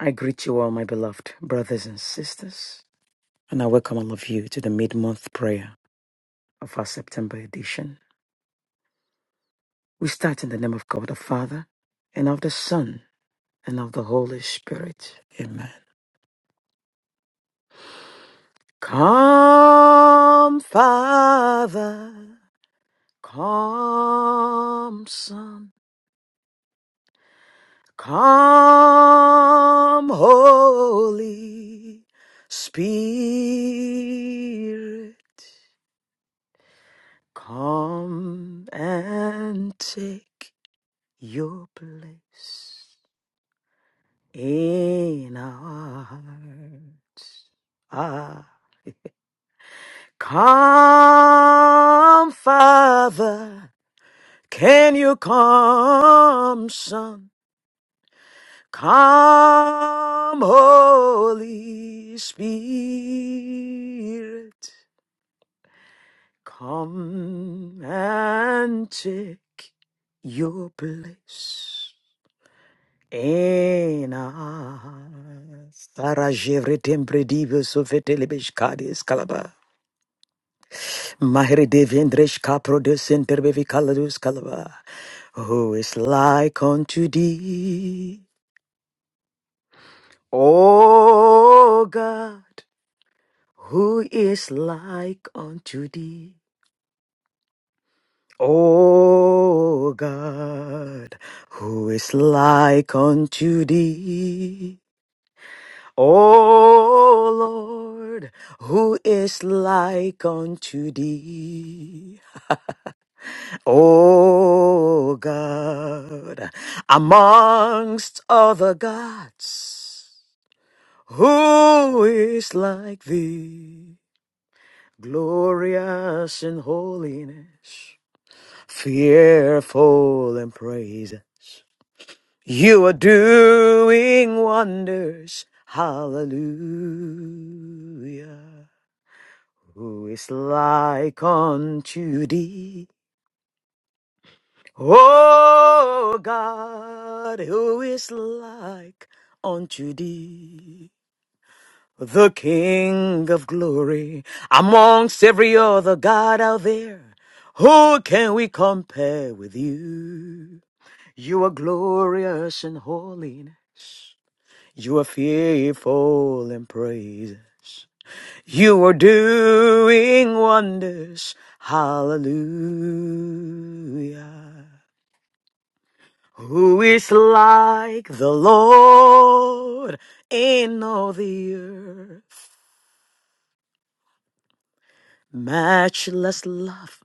I greet you all, my beloved brothers and sisters, and I welcome all of you to the mid month prayer of our September edition. We start in the name of God the Father, and of the Son, and of the Holy Spirit. Amen. Come, Father, come, Son, come, Holy Spirit. Come and take your place in our hearts. Ah, come, Father. Can you come, Son? Come, Holy Spirit. Come and take your place. Ena Sara jevre tempre divio sofetele beshkadi eskalaba. Mahere devendresh Capro de senterbe vikaladus kalaba. Who is like unto thee? O God, who is like unto thee? O God, who is like unto thee? O Lord, who is like unto thee? O God, amongst other gods, who is like thee? Glorious in holiness, fearful in praise. You are doing wonders. Hallelujah. Who is like unto thee? O God, who is like unto thee? The King of glory amongst every other God out there. Who can we compare with you? You are glorious in holiness. You are fearful in praise. You are doing wonders. Hallelujah. Who is like the Lord in all the earth? Matchless love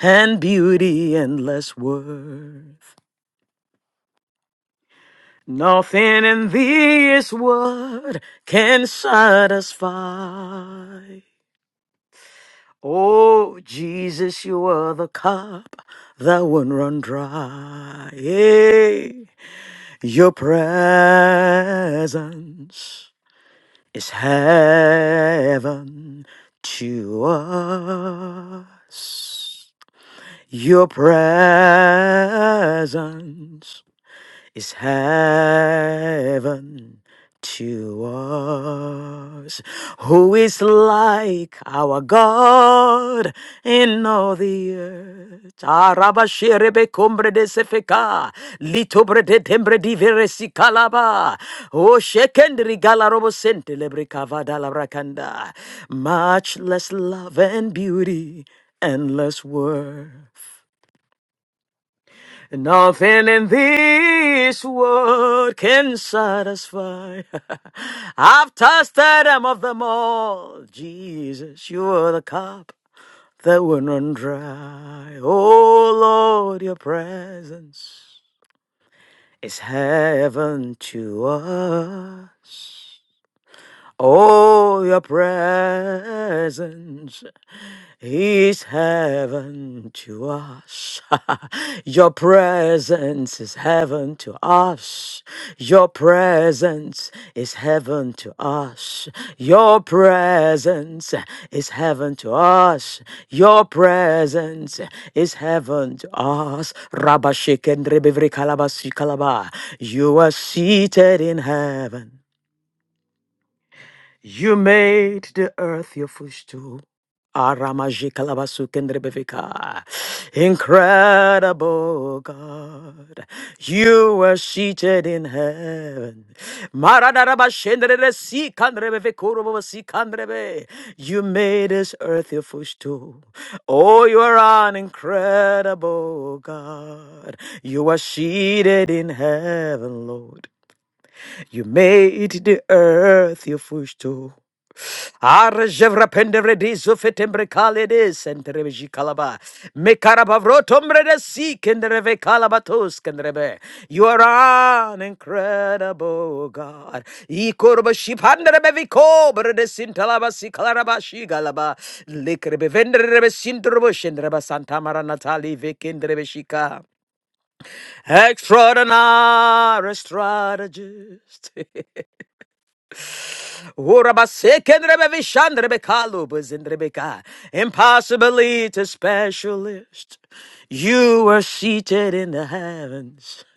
and beauty, endless worth. Nothing in this world can satisfy. Oh, Jesus, you are the cup that won't run dry. Yea, Your presence is heaven to us. Your presence is heaven to us. Who is like our God in all the earth? Arabashirebe cumbre de sefeka, litobre de tembre di veresi calaba, o shekendri galarobo sentelebre cavada la bracanda. Much less love and beauty, endless worth. Nothing in this world can satisfy. I've tasted them of them all. Jesus, you are the cup that will not dry. Oh Lord, your presence is heaven to us. Oh, your presence is heaven to us. Your presence is heaven to us. Your presence is heaven to us. Your presence is heaven to us. Your presence is heaven to us. Rabba and Rebivri Kalabasi Kalaba. You are seated in heaven. You made the earth your footstool. Aramajikalabasu Incredible God, you were seated in heaven. Maradarabashendrebesikandrebevekurubosikandrebe. You made this earth your footstool. Oh, you are an incredible God. You were seated in heaven, Lord. You made the earth your footstool. Arjevra pendevre zufetembre kaledes entreveji kalaba. Mekarabavrotombre de si kendreve kalabatos kendrebe. You are an incredible God. Ikorba shipandrebe vikobre de sintalaba si kalaraba shi galaba. Likrebe vendrebe sindrobo shendreba santa mara natali vekendrebe shika. Extraordinary strategist. Urabaseke Impossibly to specialist. You were seated in the heavens.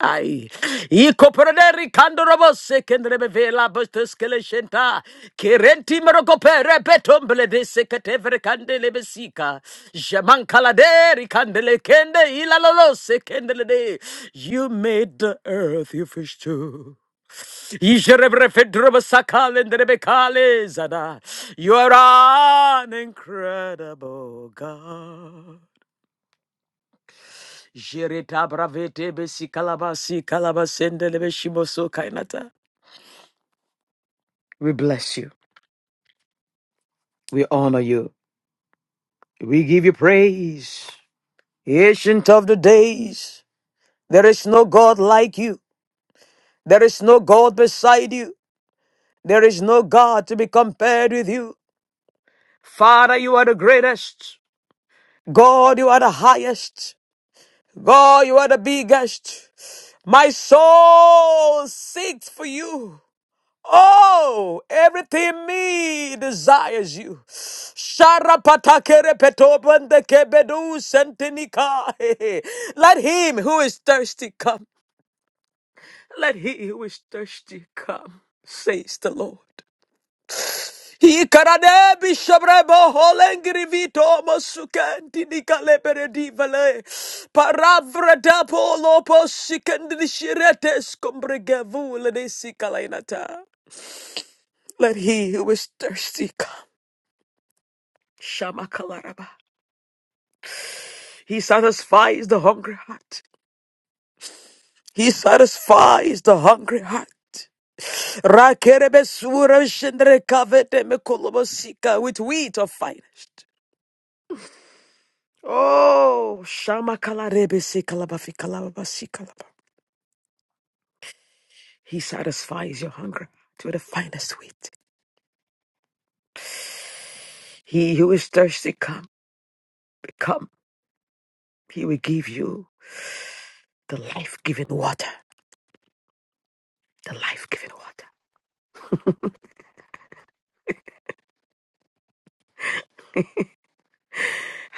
Ai, i coproderi candorobo secondrebe vela bustus keleshenta, kirenti merocopere petomble de secatevre candele besica, jaman caladeri candele kende ilalolo secondele. You made the earth your fish too. You are an incredible God. Jereta bravete besi kalabasi kalabasendelebe shimoso kainata. We bless you. We honor you. We give you praise. Ancient of the days. There is no God like you. There is no God beside you. There is no God to be compared with you. Father, you are the greatest. God, you are the highest. God, you are the biggest. My soul seeks for you. Oh, everything in me desires you. Sharapatakerepetobandekebedusentenika. Let him who is thirsty come. Let he who is thirsty come, says the Lord. Ikarade bishabrebo holengri vito masukenti nikale peredi vale paravra dapo lopo shirete skombrege lede sikalainata. Let he who is thirsty come. Shamakalaraba. He satisfies the hungry heart. He satisfies the hungry heart. Rakerebe sura shendre kavete mekolobosika with wheat of finest. Oh, Shama Kalarebe se Kalabafi Kalabasi Kalaba. He satisfies your hunger to the finest wheat. He who is thirsty, come, come. He will give you the life giving water. The life giving water.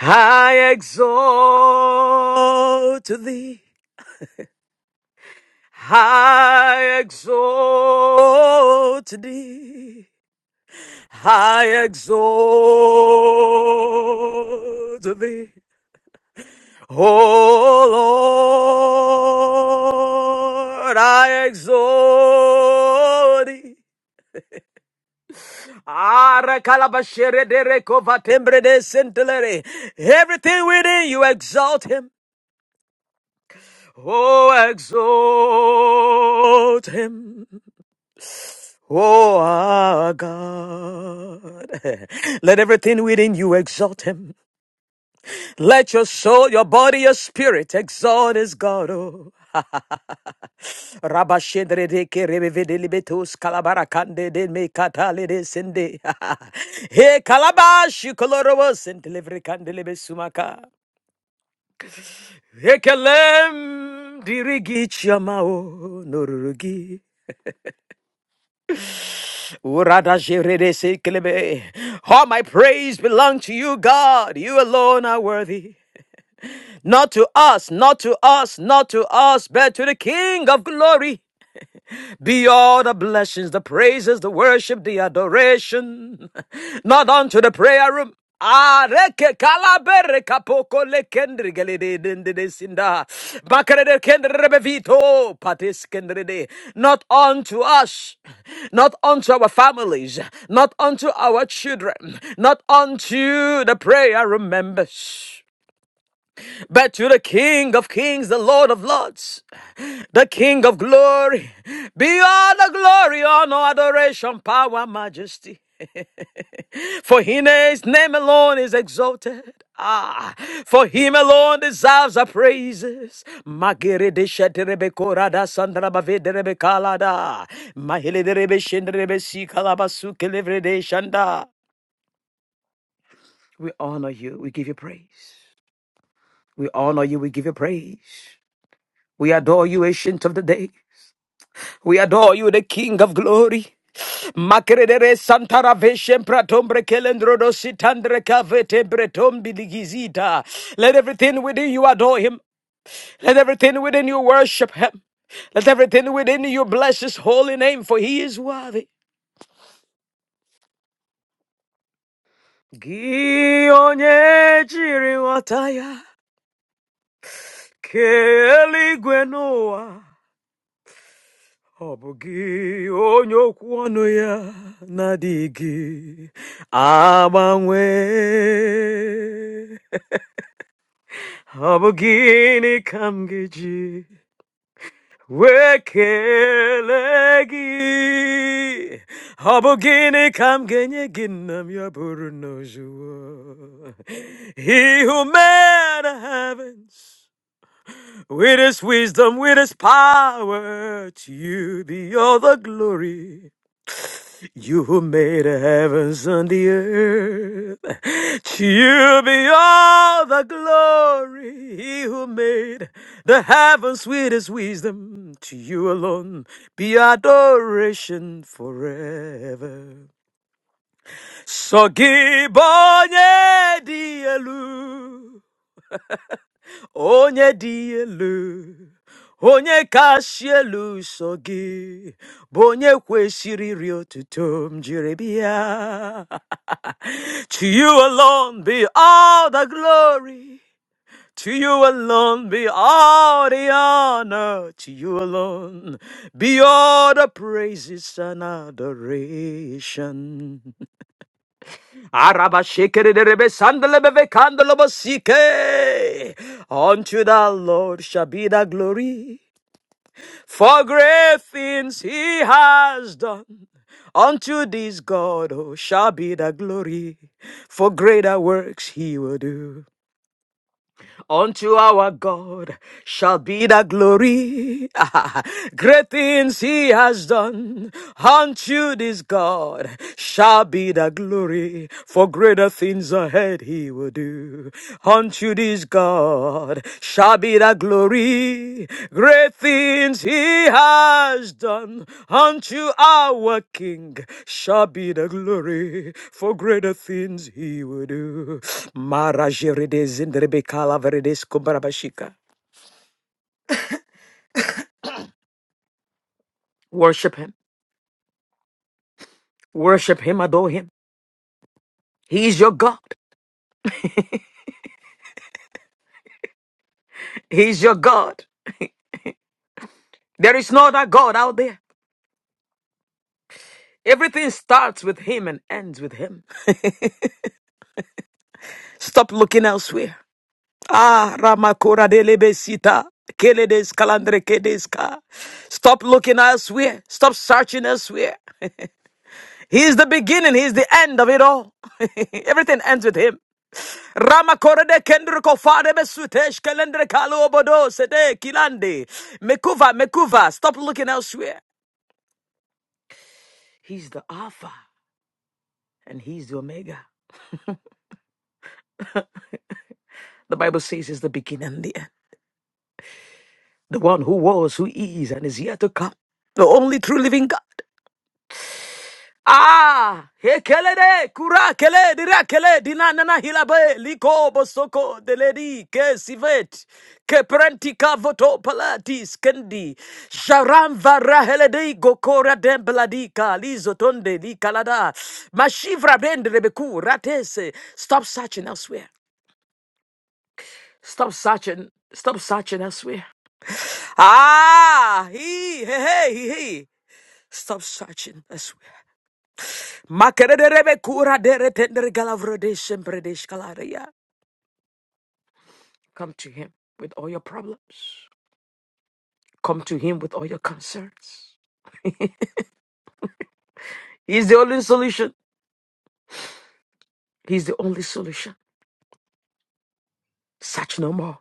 I exalt thee. I exalt thee. I exalt thee. Oh Lord, I exalt thee. Ara kalabashere de reko vatembre de sentelere. Everything within you exalt him. Oh, exalt him. Oh, our God. Let everything within you exalt him. Let your soul, your body, your spirit exalt his God. Oh. Rabashendre de kerevevelibetus calabaracande de me catale de sende. He calabash colorobos and delivery candelebesumaka. Hekelem dirigi chamao norurugi. Urada jerede sekelebe. All my praise belong to you, God. You alone are worthy. Not to us, not to us, not to us, but to the King of glory. be all the blessings, the praises, the worship, the adoration. Not unto the prayer room. Areke kalabere kapoko le kendri gelede dende de sinda. Bakere de kendri bevito patis kendri de. Not unto us, not unto our families, not unto our children, not unto the prayer members. But to the King of Kings, the Lord of Lords, the King of Glory. Be all the glory, honor, adoration, power, majesty. For in his name alone is exalted. Ah, for him alone deserves our praises. Magere de sheterebe korada sandra bave derebe kalada. Mahele derebe shenderebe si kalabasu kelevre de shanda. We honor you. We give you praise. We honor you. We give you praise. We adore you, ancient of the day. We adore you, the King of glory. Makerere santara veshem pratombre kelendrodo sitandre kavete bretombi ligizita. Let everything within you adore him. Let everything within you worship him. Let everything within you bless his holy name, for he is worthy. Gị onye chịrị nghọta ya, kelee n'ụwa. Ọ bụ gị onye okwu ọnụ ya na-adịghị agbanwe. Ọ bụ gịnị ka m ga-eji wee kelee gị? Ọ bụ gịnị ka m ga-enye gị nna m ya bụrụ na o He who made the heavens. With his wisdom, with his power, to you be all the glory. You who made the heavens and the earth, to you be all the glory. He who made the heavens with his wisdom, to you alone be adoration forever. So give onye dị elu, onye dị elu. Onye kachasị elu so gị bụ onye kwesịrị iri otuto m jiri bịa. To you alone be all the glory. To you alone be all the honor. To you alone be all the praises and adoration. Araba shekere derebe sandelebebe kandelobosike. Unto the Lord shall be the glory. For great things he has done. Unto this God who shall be the glory, for greater works he will do. Unto our God shall be the glory. great things he has done. Unto this God shall be the glory, for greater things ahead he will do. Unto this God shall be the glory. Great things he has done unto our King shall be the glory. For greater things he will do. Marajerides indrebekala verides kumbarabashika. Worship him. Worship him. Adore him. He is your God. He is your God. There is no other God out there. Everything starts with him and ends with him. Stop looking elsewhere. Ah, Ramakura de Lebesita. Keledes kalandre kedeska. Stop looking elsewhere. Stop searching elsewhere. He is the beginning. He is the end of it all. Everything ends with him. Ramakore de kendriko fare besutesh kelendre kalo obodo sede kilande. Mekuva, mekuva. Stop looking elsewhere. He's the Alpha and he's the Omega. The Bible says he's the beginning and the end. The one who was, who is, and is yet to come. The only true living God. Ah, he kele de kura kele dira kele dina nana hilabe liko bosoko deledi ke sivet ke prentika voto palatis kendi sharam vara hele de gokora dem bladika lizo tonde li kalada mashivra bend rebeku ratese stop searching elsewhere stop searching stop searching elsewhere ah he he he he he. stop searching elsewhere Makererebe kura dere tendere galavrode shembrede shkalaria. Come to him with all your problems. Come to him with all your concerns. He's the only solution. He's the only solution. Search no more.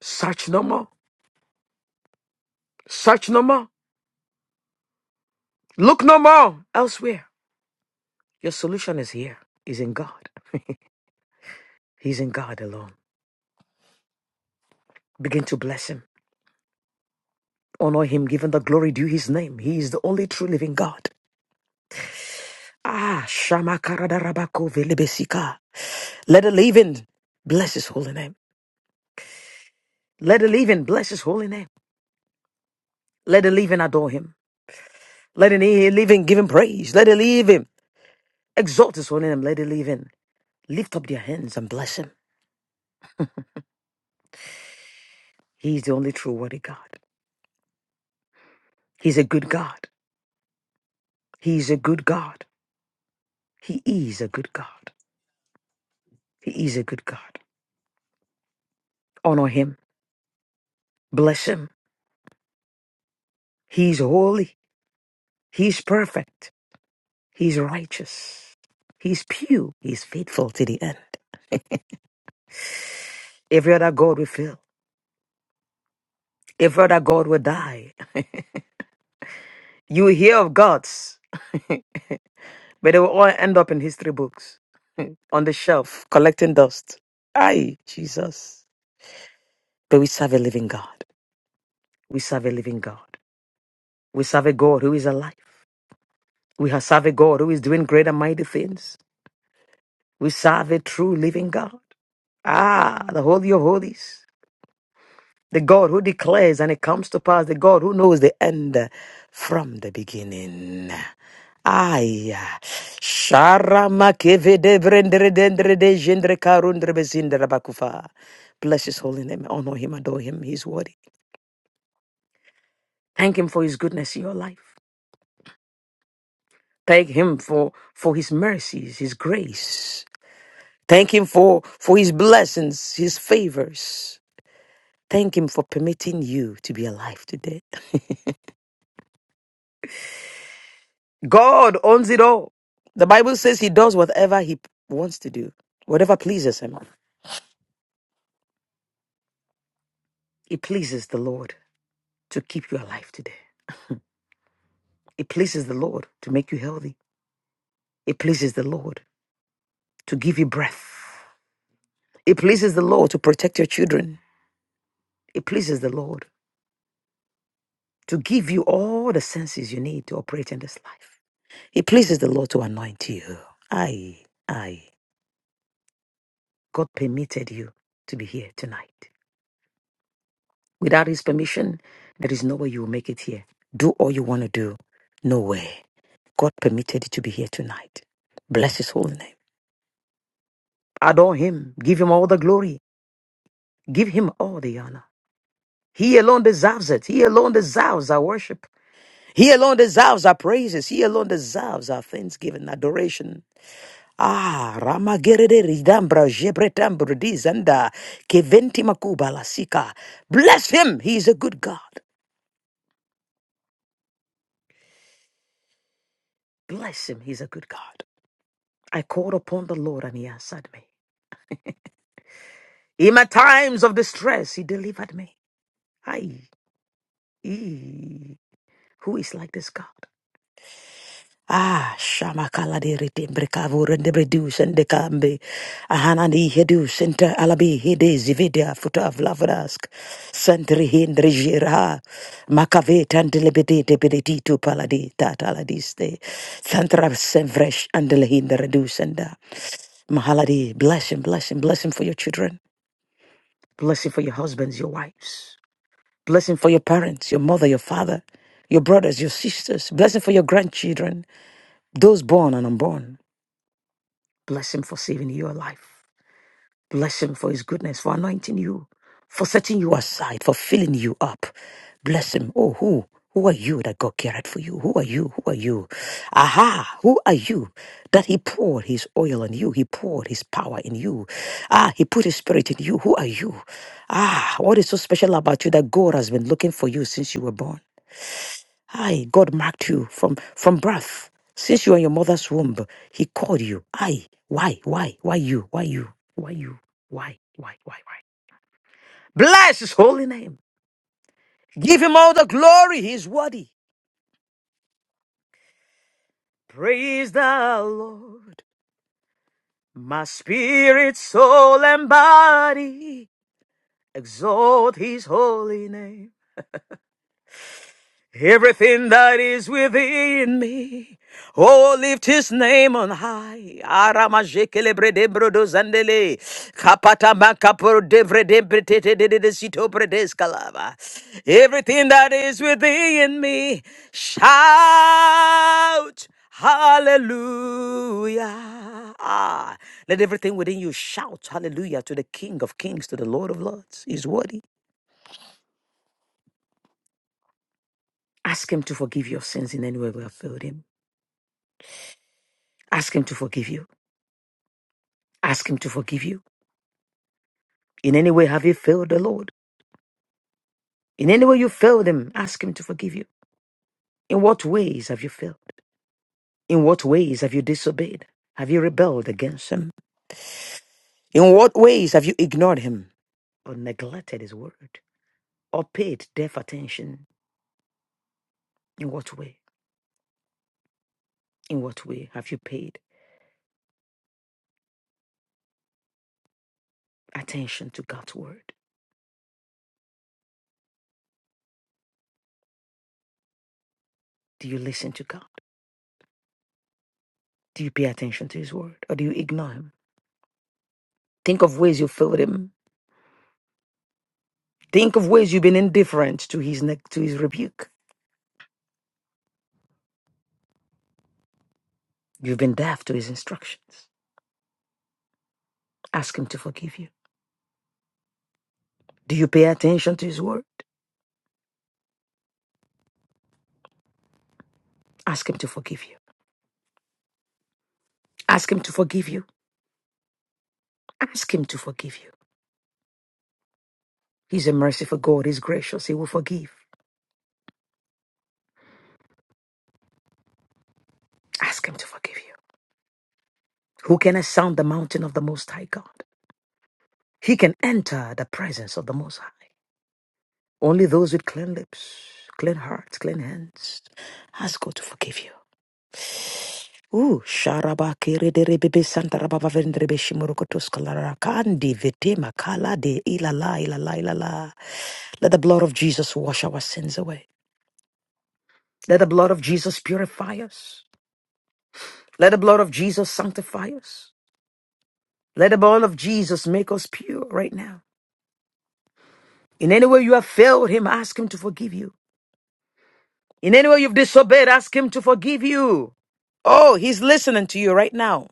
Search no more. Search no more. Look no more elsewhere. Your solution is here. Is in God. He's in God alone. Begin to bless him. Honor him, giving the glory due his name. He is the only true living God. Ah, Shama Karadarabako Velebesika. Let the leaven bless his holy name. Let the leaven bless his holy name. Let the leaven adore him. Let the leaven give him praise. Let the leaven exalt his holy name. Let the leaven lift up their hands and bless him. He is the only true worthy God. He's a good God. He is a good God. He is a good God. He is a good God. Honor him. Bless him. He's holy. He's perfect. He's righteous. He's pure. He's faithful to the end. Every other God will fail. Every other God will die. You will hear of gods, but they will all end up in history books on the shelf collecting dust. Aye, Jesus. But we serve a living God. We serve a living God. We serve a God who is alive. We have serve a God who is doing great and mighty things. We serve a true living God. Ah, the Holy of Holies. The God who declares and it comes to pass. The God who knows the end from the beginning. Aya. Sharama keve de brendere dendere de jendre karundre bezindere bakufa. Bless his holy name. Honor him, adore him. He's worthy. Thank him for his goodness in your life. Thank him for, for his mercies, his grace. Thank him for, for his blessings, his favors. Thank him for permitting you to be alive today. God owns it all. The Bible says he does whatever he wants to do, whatever pleases him. It pleases the Lord to keep you alive today. It pleases the Lord to make you healthy. It pleases the Lord to give you breath. It pleases the Lord to protect your children. It pleases the Lord to give you all the senses you need to operate in this life. It pleases the Lord to anoint you. I, I, God permitted you to be here tonight. Without his permission, there is no way you will make it here. Do all you want to do. No way. God permitted you to be here tonight. Bless his holy name. Adore him. Give him all the glory. Give him all the honor. He alone deserves it. He alone deserves our worship. He alone deserves our praises. He alone deserves our thanksgiving, adoration. Ah, Ramagerede Ridambra Jebretambra Dizanda Keventi Makuba Lasika. Bless him. He is a good God. Bless him. He's a good God. I called upon the Lord and he answered me. In my times of distress, he delivered me. Aye. Ee. Who is like this God? Ah, shamakala de retimbre kavur and de reduce and de cambe. Ahanani hedu center alabi hede zividia futa of lavrask. Sentri hindri gira Makavet and lebede de bedeti to paladi tat aladiste. Santra semvresh and lehindra reduce and Mahaladi, bless him, bless him, bless him for your children. Blessing for your husbands, your wives. Blessing for your parents, your mother, your father, your brothers, your sisters. Blessing for your grandchildren, those born and unborn. Blessing for saving your life. Bless him for his goodness, for anointing you, for setting you aside, for filling you up. Bless him. Oh, who? Who are you that God cared for you? Who are you? Who are you? Aha! Who are you that He poured His oil on you? He poured His power in you. Ah, He put His spirit in you. Who are you? Ah, what is so special about you that God has been looking for you since you were born? Aye, God marked you from from birth. Since you were in your mother's womb, He called you. Aye, why, why, why you, why you, why you, why, why, why, why? Bless His holy name. Give Him all the glory. He's worthy. Praise the Lord. My spirit, soul, and body exalt His holy name. Everything that is within me. Oh, lift his name on high. Aramajekele bredembrodo zandele. Kapata makapro devredembretete de de sito bredeskalava. Everything that is within me. Shout. Hallelujah. Ah, let everything within you shout hallelujah to the King of Kings, to the Lord of Lords. He's worthy. Ask him to forgive your sins in any way we have failed him. Ask Him to forgive you. Ask Him to forgive you. In any way have you failed the Lord? In any way you failed Him, ask Him to forgive you. In what ways have you failed? In what ways have you disobeyed? Have you rebelled against Him? In what ways have you ignored Him or neglected His word or paid deaf attention? In what way? In what way have you paid attention to God's word? Do you listen to God? Do you pay attention to His word or do you ignore Him? Think of ways you failed Him Think of ways you've been indifferent to his ne- to his rebuke. You've been deaf to his instructions. Ask him to forgive you. Do you pay attention to his word? Ask him to forgive you. Ask him to forgive you. Ask him to forgive you. He's a merciful God. He's gracious. He will forgive. Ask him to forgive you. Who can ascend the mountain of the Most High God? He can enter the presence of the Most High. Only those with clean lips, clean hearts, clean hands. Ask God to forgive you. Ooh, sharaba kere de rebebe santa rababa vendrebe shimurukotos kalara kandi vete makala de ilala ilala ilala. Let the blood of Jesus wash our sins away. Let the blood of Jesus purify us. Let the blood of Jesus sanctify us. Let the blood of Jesus make us pure right now. In any way you have failed him, ask him to forgive you. In any way you've disobeyed, ask him to forgive you. Oh, he's listening to you right now.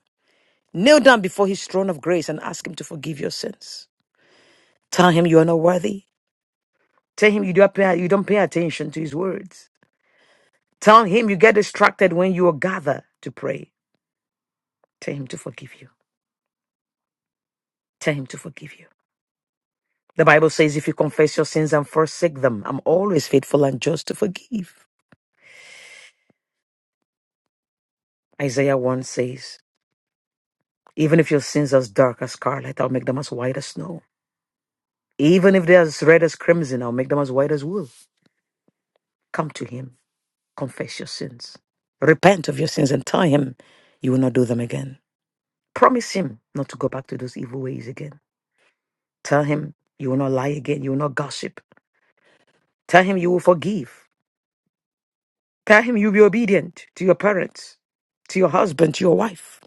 Kneel down before his throne of grace and ask him to forgive your sins. Tell him you are not worthy. Tell him you don't pay, you don't pay attention to his words. Tell him you get distracted when you gather to pray. Tell him to forgive you. Tell him to forgive you. The Bible says, if you confess your sins and forsake them, I'm always faithful and just to forgive. Isaiah 1 says, even if your sins are as dark as scarlet, I'll make them as white as snow. Even if they're as red as crimson, I'll make them as white as wool. Come to him, confess your sins, repent of your sins, and tell him you will not do them again. Promise him not to go back to those evil ways again. Tell him you will not lie again. You will not gossip. Tell him you will forgive. Tell him you'll be obedient to your parents, to your husband, to your wife.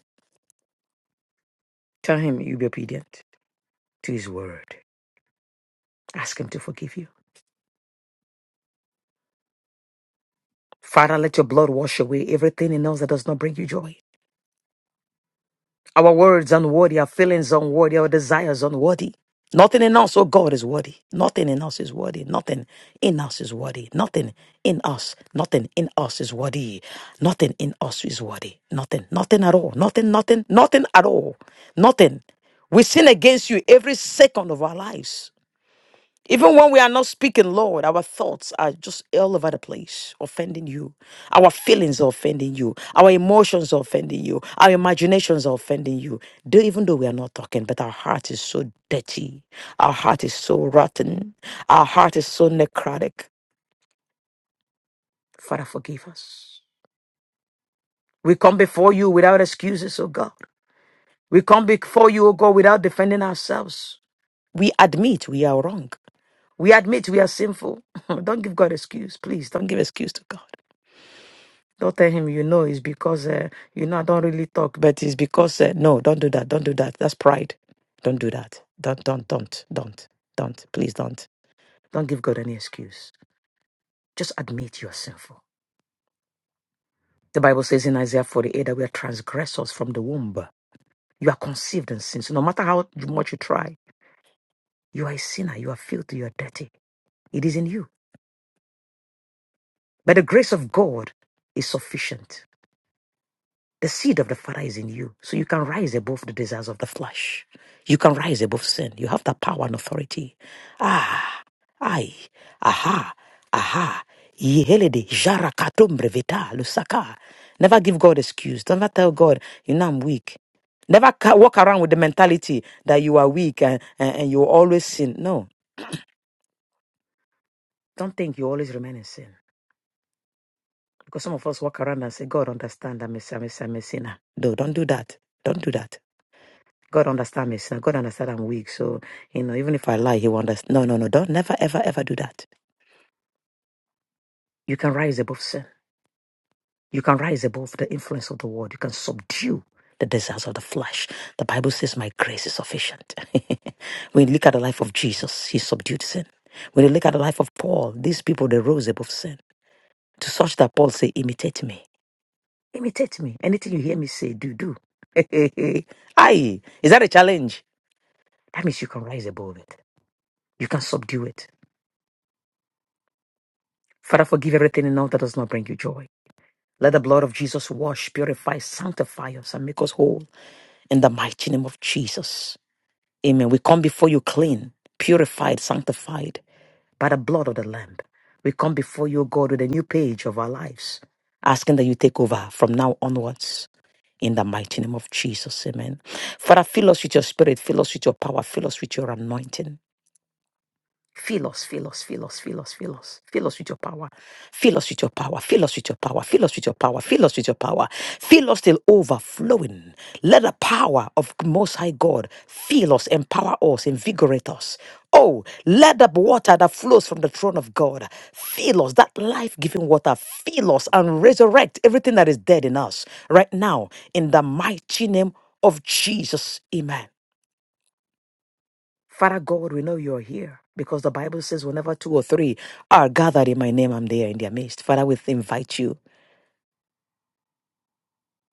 Tell him you'll be obedient to his word. Ask him to forgive you. Father, let your blood wash away everything in us that does not bring you joy. Our words unworthy, our feelings unworthy, our desires unworthy. Nothing in us, oh God, is worthy. Nothing in us is worthy. Nothing in us is worthy. Nothing in us. Nothing in us is worthy. Nothing in us is worthy. Nothing. Nothing at all. Nothing. Nothing. Nothing at all. Nothing. We sin against you every second of our lives. Even when we are not speaking, Lord, our thoughts are just all over the place, offending you. Our feelings are offending you. Our emotions are offending you. Our imaginations are offending you. Though, even though we are not talking, but our heart is so dirty. Our heart is so rotten. Our heart is so necrotic. Father, forgive us. We come before you without excuses, oh God. We come before you, oh God, without defending ourselves. We admit we are wrong. We admit we are sinful. don't give God excuse, please. Don't give excuse to God. Don't tell him you know it's because uh, you know I don't really talk, but it's because uh, no. Don't do that. Don't do that. That's pride. Don't do that. Don't don't don't don't don't. Please don't. Don't give God any excuse. Just admit you are sinful. The Bible says in Isaiah 48 that we are transgressors from the womb. You are conceived in sin. So no matter how much you try, you are a sinner. You are filthy. You are dirty. It is in you. But the grace of God is sufficient. The seed of the Father is in you. So you can rise above the desires of the flesh. You can rise above sin. You have that power and authority. Ah, ay, aha, aha. Yihelede, jara katumbre vita, lusaka. Never give God excuse. Never tell God, you know, I'm weak. Never ca- walk around with the mentality that you are weak and, and, and you always sin. No, don't think you always remain in sin. Because some of us walk around and say, God, understand I'm a, I'm a, I'm a sinner. No, don't do that. Don't do that. God understand me, sir. God understand I'm weak. So, you know, even if I lie, he will understand. No, no, no. Don't never, ever, ever do that. You can rise above sin. You can rise above the influence of the world. You can subdue the desires of the flesh. The Bible says, My grace is sufficient. when you look at the life of Jesus, he subdued sin. When you look at the life of Paul, these people, they rose above sin. To such that Paul say, imitate me. Imitate me. Anything you hear me say, do, do. Aye. Is that a challenge? That means you can rise above it. You can subdue it. Father, forgive everything and all that does not bring you joy. Let the blood of Jesus wash, purify, sanctify us, and make us whole in the mighty name of Jesus. Amen. We come before you clean, purified, sanctified by the blood of the Lamb. We come before you, God, with a new page of our lives, asking that you take over from now onwards. In the mighty name of Jesus, amen. Father, fill us with your spirit, fill us with your power, fill us with your anointing. Fill us, fill us, fill us, fill us, fill us, fill us with your power. Fill us with your power. Fill us with your power. Fill us with your power. Fill us with your power. Fill us till overflowing. Let the power of Most High God fill us, empower us, invigorate us. Oh, let the water that flows from the throne of God fill us, that life giving water, fill us and resurrect everything that is dead in us right now in the mighty name of Jesus. Amen. Father God, we know you're here because the Bible says, whenever two or three are gathered in my name, I'm there in their midst. Father, we invite you.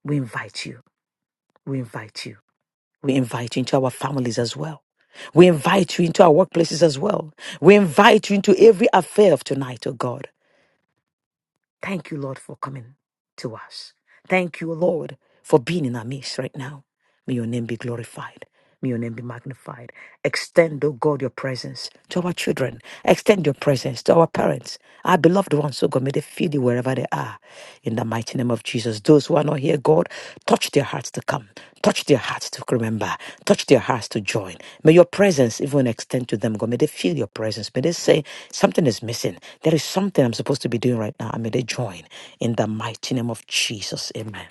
We invite you. We invite you. We invite you into our families as well. We invite you into our workplaces as well. We invite you into every affair of tonight, oh God. Thank you, Lord, for coming to us. Thank you, Lord, for being in our midst right now. May your name be glorified. May your name be magnified. Extend, oh God, your presence to our children. Extend your presence to our parents, our beloved ones, O God. May they feel you wherever they are. In the mighty name of Jesus. Those who are not here, God, touch their hearts to come. Touch their hearts to remember. Touch their hearts to join. May your presence even extend to them, God. May they feel your presence. May they say, something is missing. There is something I'm supposed to be doing right now. And may they join. In the mighty name of Jesus. Amen.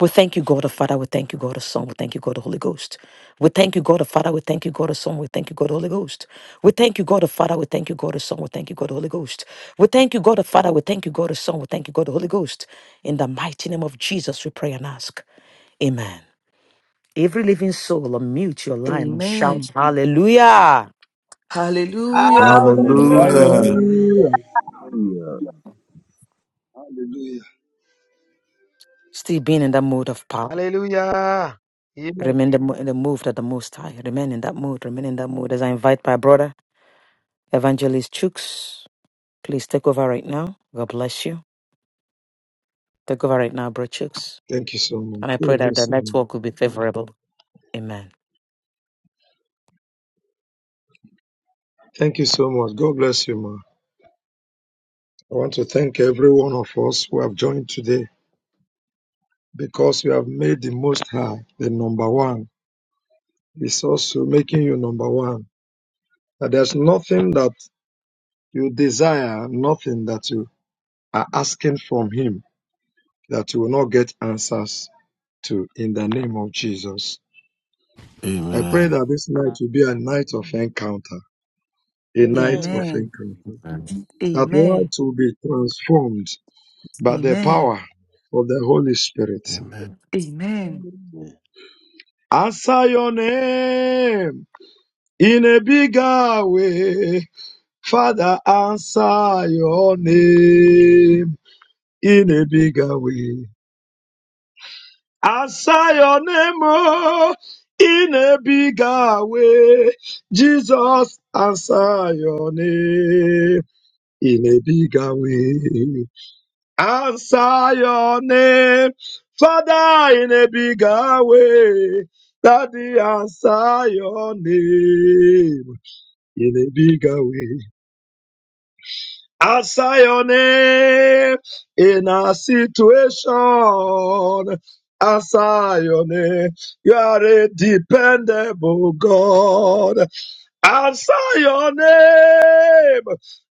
We thank you, God the Father. We thank you, God the Son. We thank you, God the Holy Ghost. We thank you, God the Father. We thank you, God the Son. We thank you, God the Holy Ghost. We thank you, God the Father. We thank you, God the Son. We thank you, God the Holy Ghost. We thank you, God the Father. We thank you, God the Son. We thank you, God the Holy Ghost. In the mighty name of Jesus, we pray and ask. Amen. Every living soul, unmute your line and shout Amen. hallelujah. Hallelujah. Hallelujah. Hallelujah. Hallelujah. Hallelujah. Hallelujah. Yeah. Hallelujah. Still being in that mode of power. Hallelujah. Yes. Remain the mo- in the move that the Most High. Remain in that mode. Remain in that mode. As I invite my brother, Evangelist Chooks. Please take over right now. God bless you. Take over right now, bro Chooks. Thank you so much. And I God pray that the bless you, ma. next walk will be favorable. Amen. Thank you so much. God bless you, ma. I want to thank every one of us who have joined today because you have made the Most High the number one. It's also making you number one. That there's nothing that you desire, nothing that you are asking from Him that you will not get answers to in the name of Jesus. I pray Amen. that this night will be a night of encounter, a night of Amen. Amen. encounter. Amen. That Amen. light will be transformed by the Amen. power of the Holy Spirit. Amen. Amen. Amen. Answer your name in a bigger way. Father, answer your name in a bigger way. Answer your name oh, in a bigger way. Jesus, answer your name in a bigger way. answer your name, Father, in a bigger way. Daddy, answer your name in a bigger way. Answer your name in a situation. Answer your name. You are a dependable God. I saw your name.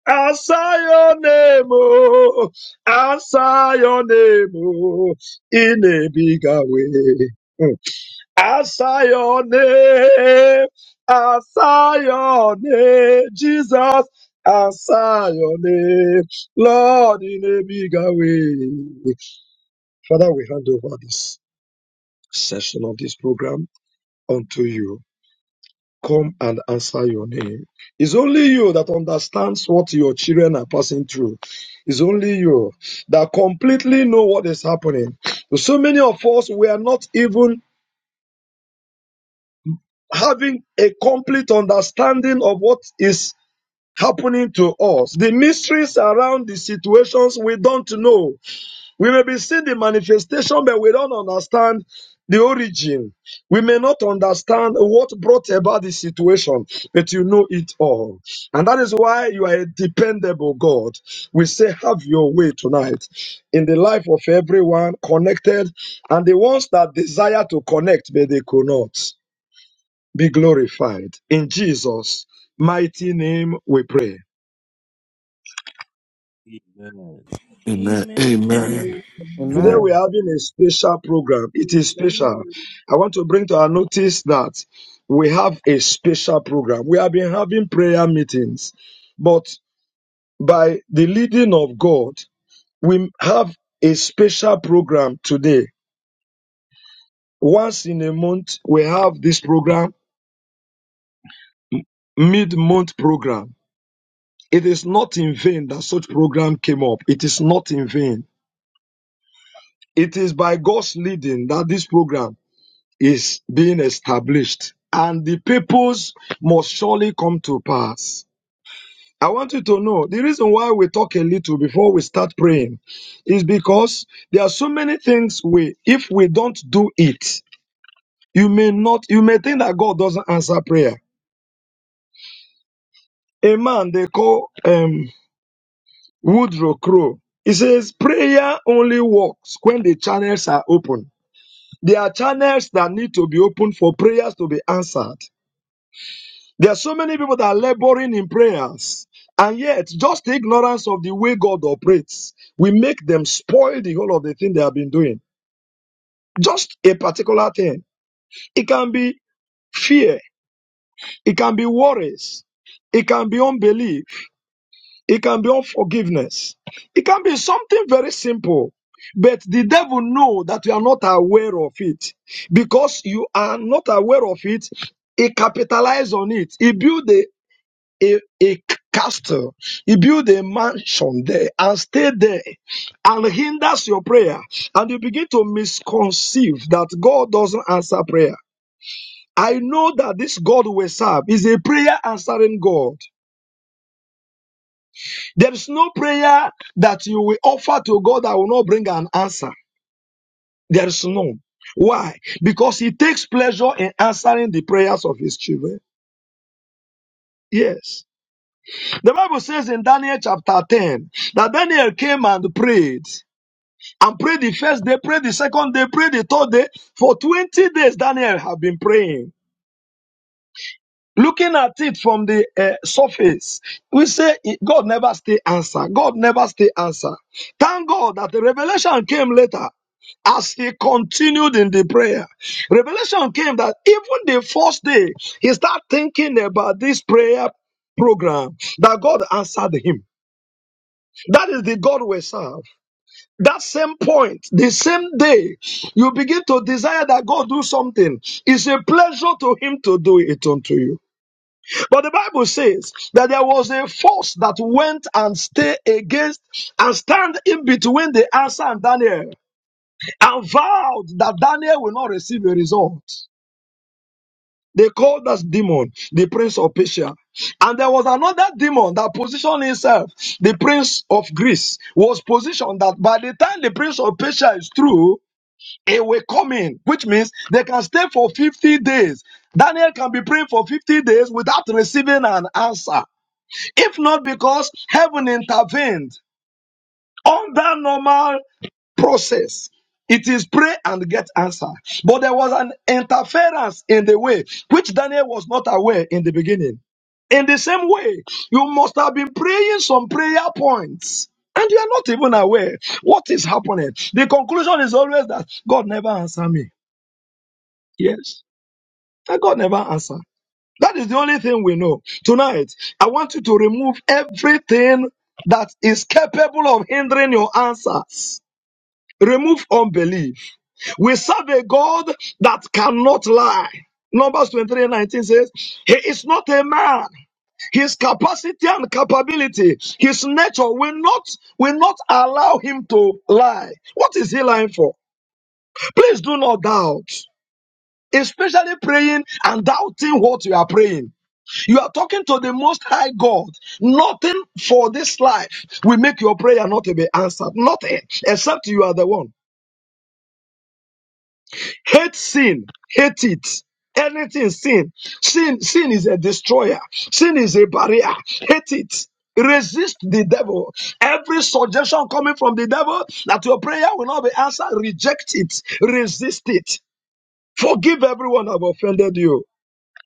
I saw your name. Oh, I saw your name. Oh, in a bigger way. Mm. I saw your name. I saw your name. Jesus, I saw your name. Lord, in a bigger way. Father, we hand over this session of this program unto you come and answer your name. It's only you that understands what your children are passing through. It's only you that completely know what is happening. So many of us, we are not even having a complete understanding of what is happening to us. The mysteries around the situations we don't know. We may be seeing the manifestation, but we don't understand the origin. We may not understand what brought about the situation, but you know it all. And that is why you are a dependable God. We say, have your way tonight in the life of everyone connected and the ones that desire to connect, but they could not be glorified. In Jesus' mighty name, we pray. Amen. Amen. Amen. Today Amen. Amen. Lord. we're having a special program. It is special. I want to bring to our notice that we have a special program. We have been having prayer meetings, but by the leading of God, we have a special program today. Once in a month, we have this program, mid-month program. It is not in vain that such program came up. It is not in vain. It is by God's leading that this program is being established and the purpose must surely come to pass. I want you to know the reason why we talk a little before we start praying is because there are so many things we, if we don't do it, you may not, you may think that God doesn't answer prayer. A man they call um, Woodrow Crow. He says prayer only works when the channels are open. There are channels that need to be opened for prayers to be answered. There are so many people that are laboring in prayers, and yet just the ignorance of the way God operates will make them spoil the whole of the thing they have been doing. Just a particular thing. It can be fear, it can be worries, it can be unbelief, it can be unforgiveness, it can be something very simple. But the devil knows that you are not aware of it. Because you are not aware of it, he capitalized on it. He built a, a, a castle. He built a mansion there and stay there and hinders your prayer. And you begin to misconceive that God doesn't answer prayer. I know that this God we serve is a prayer answering God. There is no prayer that you will offer to God that will not bring an answer. There is none. Why? Because He takes pleasure in answering the prayers of His children. Yes. The Bible says in Daniel chapter 10 that Daniel came and prayed. and pray the first day, pray the second day, pray the third day. For 20 days, Daniel have been praying. Looking at it from the uh, surface, we say eh, God never stay answer. God never stay answer. Thank God that the revelation came later as he continued in the prayer. Revelation came that even the first day, he started thinking about this prayer program that God answered him. That is the God we serve. that same point, the same day, you begin to desire that God do something. It's a pleasure to Him to do it unto you. But the Bible says that there was a force that went and stay against and stand in between the answer and Daniel and vowed that Daniel will not receive a result. They called that demon the prince of Persia. And there was another demon that positioned himself, the prince of Greece, was positioned that by the time the prince of Persia is through, it will come in, which means they can stay for 50 days. Daniel can be praying for 50 days without receiving an answer. If not because heaven intervened on that normal process. It is pray and get answer. But there was an interference in the way, which Daniel was not aware in the beginning. In the same way, you must have been praying some prayer points and you are not even aware what is happening. The conclusion is always that God never answered me. Yes. That God never answered. That is the only thing we know. Tonight, I want you to remove everything that is capable of hindering your answers. Remove unbelief. We serve a God that cannot lie. Numbers 23 19 says, He is not a man. His capacity and capability, his nature will not, will not allow him to lie. What is he lying for? Please do not doubt. especially praying and doubting what you are praying. You are talking to the Most High God. Nothing for this life will make your prayer not to be answered. Nothing, except you are the one. Hate sin, hate it. Anything sin, sin, sin is a destroyer. Sin is a barrier. Hate it. Resist the devil. Every suggestion coming from the devil that your prayer will not be answered, reject it. Resist it. Forgive everyone who have offended you.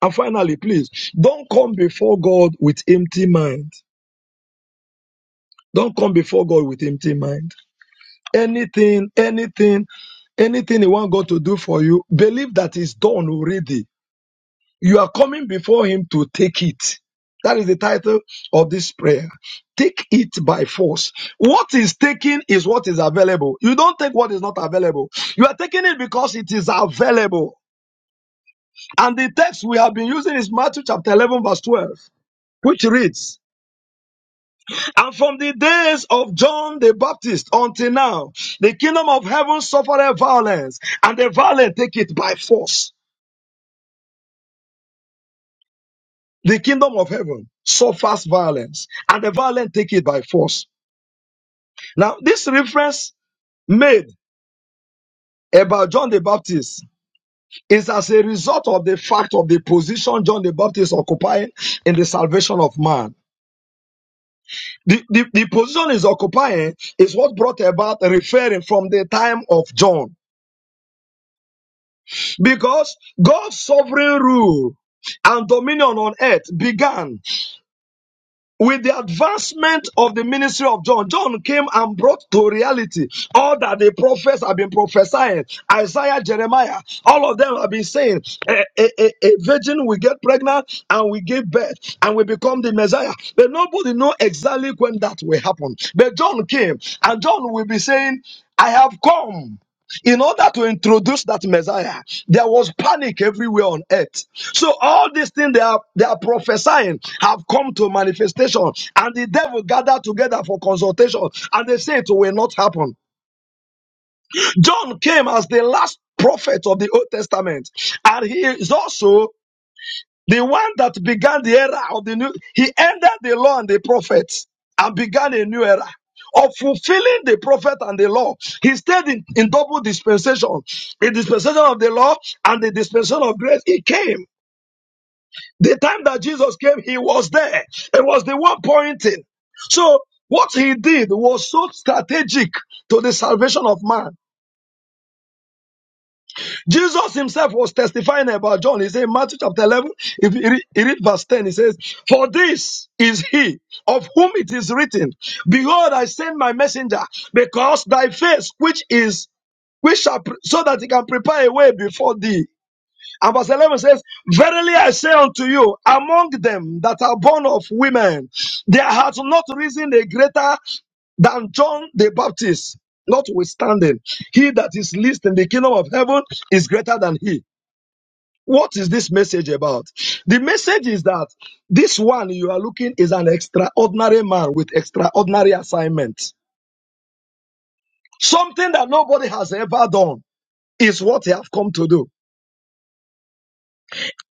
And finally, please don't come before God with empty mind. Don't come before God with empty mind. Anything, anything, anything you want God to do for you, believe that it's done already. You are coming before Him to take it. That is the title of this prayer. Take it by force. What is taken is what is available. You don't take what is not available. You are taking it because it is available. And the text we have been using is Matthew chapter 11, verse 12, which reads, And from the days of John the Baptist until now, the kingdom of heaven suffered violence, and the violent take it by force. The kingdom of heaven suffers violence, and the violent take it by force. Now, this reference made about John the Baptist is as a result of the fact of the position John the Baptist occupying in the salvation of man. The, the, the position he's occupying is what brought about referring from the time of John. Because God's sovereign rule and dominion on earth began with the advancement of the ministry of John. John came and brought to reality all that the prophets have been prophesying. Isaiah, Jeremiah, all of them have been saying, a, a, a, a virgin will get pregnant and we give birth and we become the Messiah. But nobody know exactly when that will happen. But John came and John will be saying, I have come in order to introduce that Messiah, there was panic everywhere on earth. So all these things they are they are prophesying have come to manifestation, and the devil gathered together for consultation, and they say it will not happen. John came as the last prophet of the Old Testament, and he is also the one that began the era of the new, he ended the law and the prophets and began a new era of fulfilling the prophet and the law. He stayed in, in double dispensation, the dispensation of the law and the dispensation of grace. He came. The time that Jesus came, he was there. It was the one pointing. So what he did was so strategic to the salvation of man Jesus himself was testifying about John. He said in Matthew chapter 11, if you read, you read verse 10, he says, For this is he of whom it is written, Behold, I send my messenger, because thy face, which is which shall pre- so that he can prepare a way before thee. And verse 11 says, Verily I say unto you, among them that are born of women, there hath not risen a greater than John the Baptist. Notwithstanding, he that is least in the kingdom of heaven is greater than he. What is this message about? The message is that this one you are looking is an extraordinary man with extraordinary assignment. Something that nobody has ever done is what they have come to do.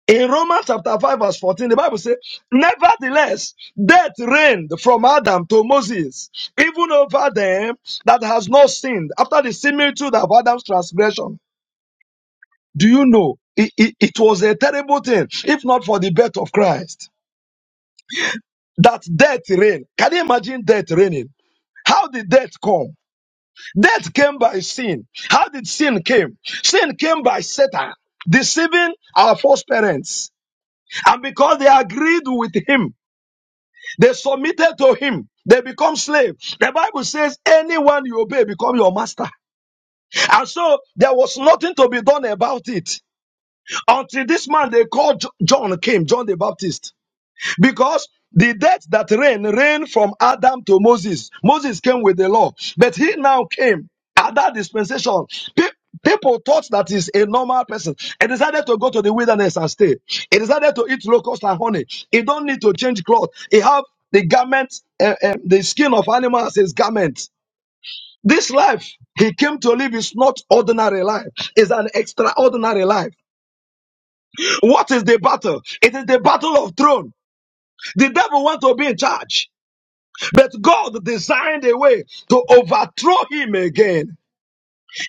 In Romans chapter 5 verse 14, the Bible says, Nevertheless, death reigned from Adam to Moses, even over them that has not sinned, after the similitude of Adam's transgression. Do you know? It, it, it was a terrible thing, if not for the birth of Christ, that death reigned. Can you imagine death reigning? How did death come? Death came by sin. How did sin came? Sin came by Satan deceiving our first parents. And because they agreed with him, They submitted to him. They become slaves. The Bible says anyone you obey become your master. And so there was nothing to be done about it until this man they called John came, John the Baptist. Because the death that reigned reigned from Adam to Moses. Moses came with the law, but he now came at that dispensation. pe- People thought that he's a normal person. He decided to go to the wilderness and stay. He decided to eat locust and honey. He don't need to change clothes. He have the garment, uh, uh, the skin of animals as his garment. This life he came to live is not ordinary life. It's an extraordinary life. What is the battle? It is the battle of throne. The devil wants to be in charge. But God designed a way to overthrow him again.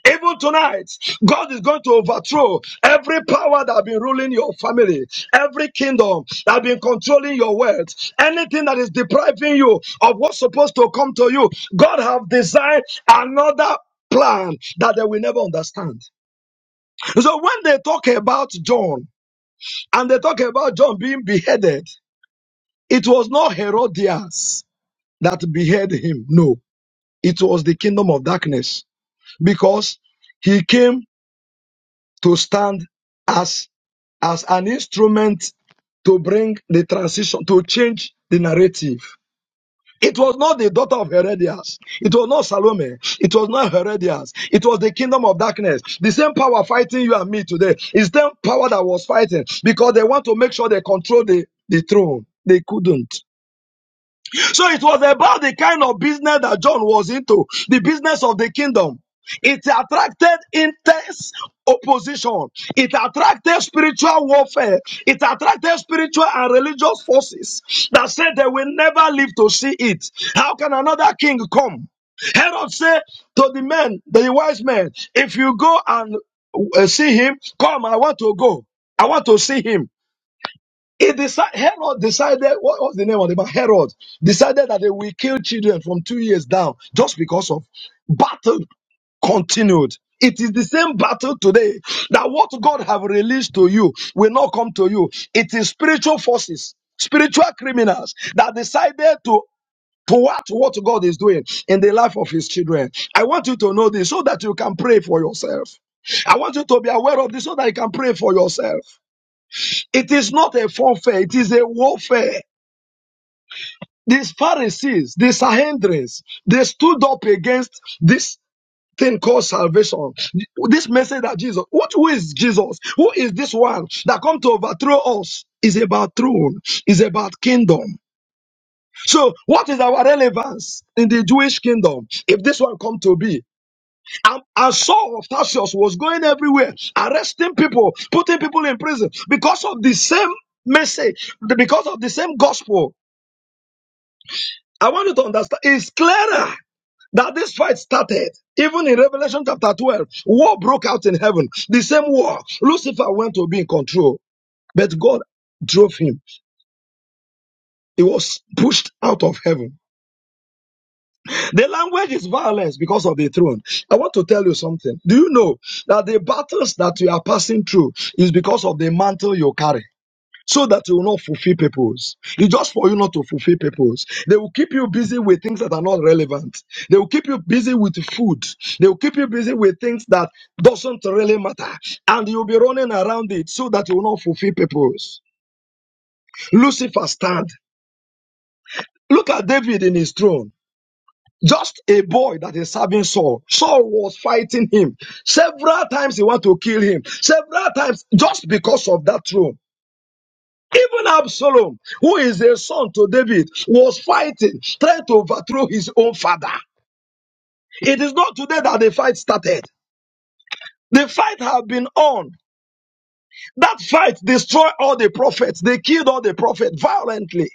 Even tonight, God is going to overthrow every power that has been ruling your family, every kingdom that has been controlling your wealth, anything that is depriving you of what's supposed to come to you. God have designed another plan that they will never understand. So when they talk about John and they talk about John being beheaded, it was not Herodias that beheaded him. No. It was the kingdom of darkness because he came to stand as, as an instrument to bring the transition, to change the narrative. It was not the daughter of Herodias. It was not Salome. It was not Herodias. It was the kingdom of darkness. The same power fighting you and me today is the same power that was fighting because they want to make sure they control the, the throne. They couldn't. So it was about the kind of business that John was into, the business of the kingdom. It attracted intense opposition. It attracted spiritual warfare. It attracted spiritual and religious forces that said they will never live to see it. How can another king come? Herod said to the men, the wise men, if you go and uh, see him, come, I want to go. I want to see him. He decided, Herod decided, what was the name of the man? Herod decided that they will kill children from two years down just because of battle continued. It is the same battle today that what God have released to you will not come to you. It is spiritual forces, spiritual criminals that decided to to watch what God is doing in the life of his children. I want you to know this so that you can pray for yourself. I want you to be aware of this so that you can pray for yourself. It is not a forfeit, it is a warfare. These Pharisees, these Sahendrins, they stood up against this thing called salvation. This message that Jesus, what, who is Jesus? Who is this one that come to overthrow us? Is about throne, is about kingdom. So what is our relevance in the Jewish kingdom if this one come to be? And, and Saul of Tarsus was going everywhere, arresting people, putting people in prison because of the same message, because of the same gospel. I want you to understand. It's clearer that this fight started. Even in Revelation chapter 12, war broke out in heaven. The same war. Lucifer went to be in control, but God drove him. He was pushed out of heaven. The language is violence because of the throne. I want to tell you something. Do you know that the battles that you are passing through is because of the mantle you carry? So that you will not fulfill purpose. It's just for you not to fulfill purpose. They will keep you busy with things that are not relevant. They will keep you busy with food. They will keep you busy with things that doesn't really matter. And you'll be running around it so that you will not fulfill purpose. Lucifer stand. Look at David in his throne. Just a boy that is serving Saul. Saul was fighting him. Several times he wanted to kill him. Several times just because of that throne. Even Absalom, who is a son to David, was fighting, trying to overthrow his own father. It is not today that the fight started. The fight have been on. That fight destroyed all the prophets. They killed all the prophets violently.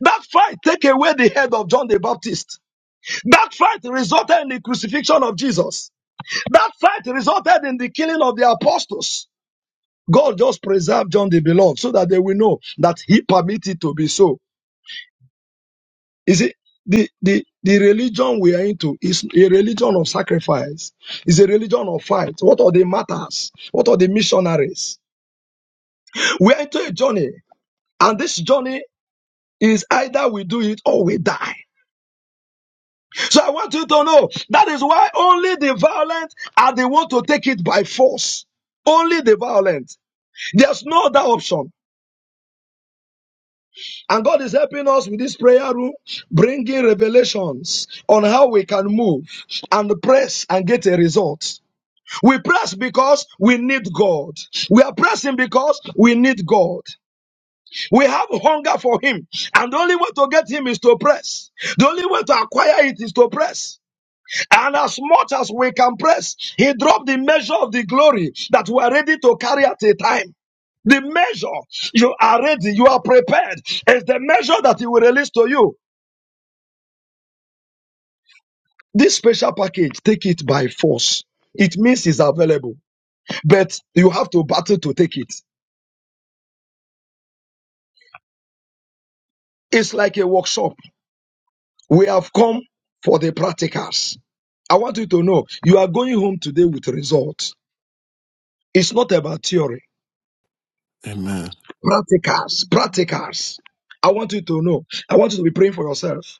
That fight take away the head of John the Baptist. That fight resulted in the crucifixion of Jesus. That fight resulted in the killing of the apostles. God just preserved John the Beloved so that they will know that he permitted to be so. Is it the, the, the religion we are into is a religion of sacrifice, is a religion of fight. What are the martyrs? What are the missionaries? We are into a journey, and this journey is either we do it or we die. So I want you to know that is why only the violent are the one to take it by force. Only the violent. There's no other option. And God is helping us with this prayer room, bringing revelations on how we can move and press and get a result. We press because we need God. We are pressing because we need God. We have hunger for Him. And the only way to get Him is to press. The only way to acquire it is to press. And as much as we can press, He dropped the measure of the glory that we are ready to carry at a time. The measure you are ready, you are prepared, is the measure that He will release to you. This special package, take it by force. It means it's available, but you have to battle to take it. It's like a workshop. We have come for the practicals. I want you to know you are going home today with results. It's not about theory. Amen. Practicals, practicals. I want you to know. I want you to be praying for yourself.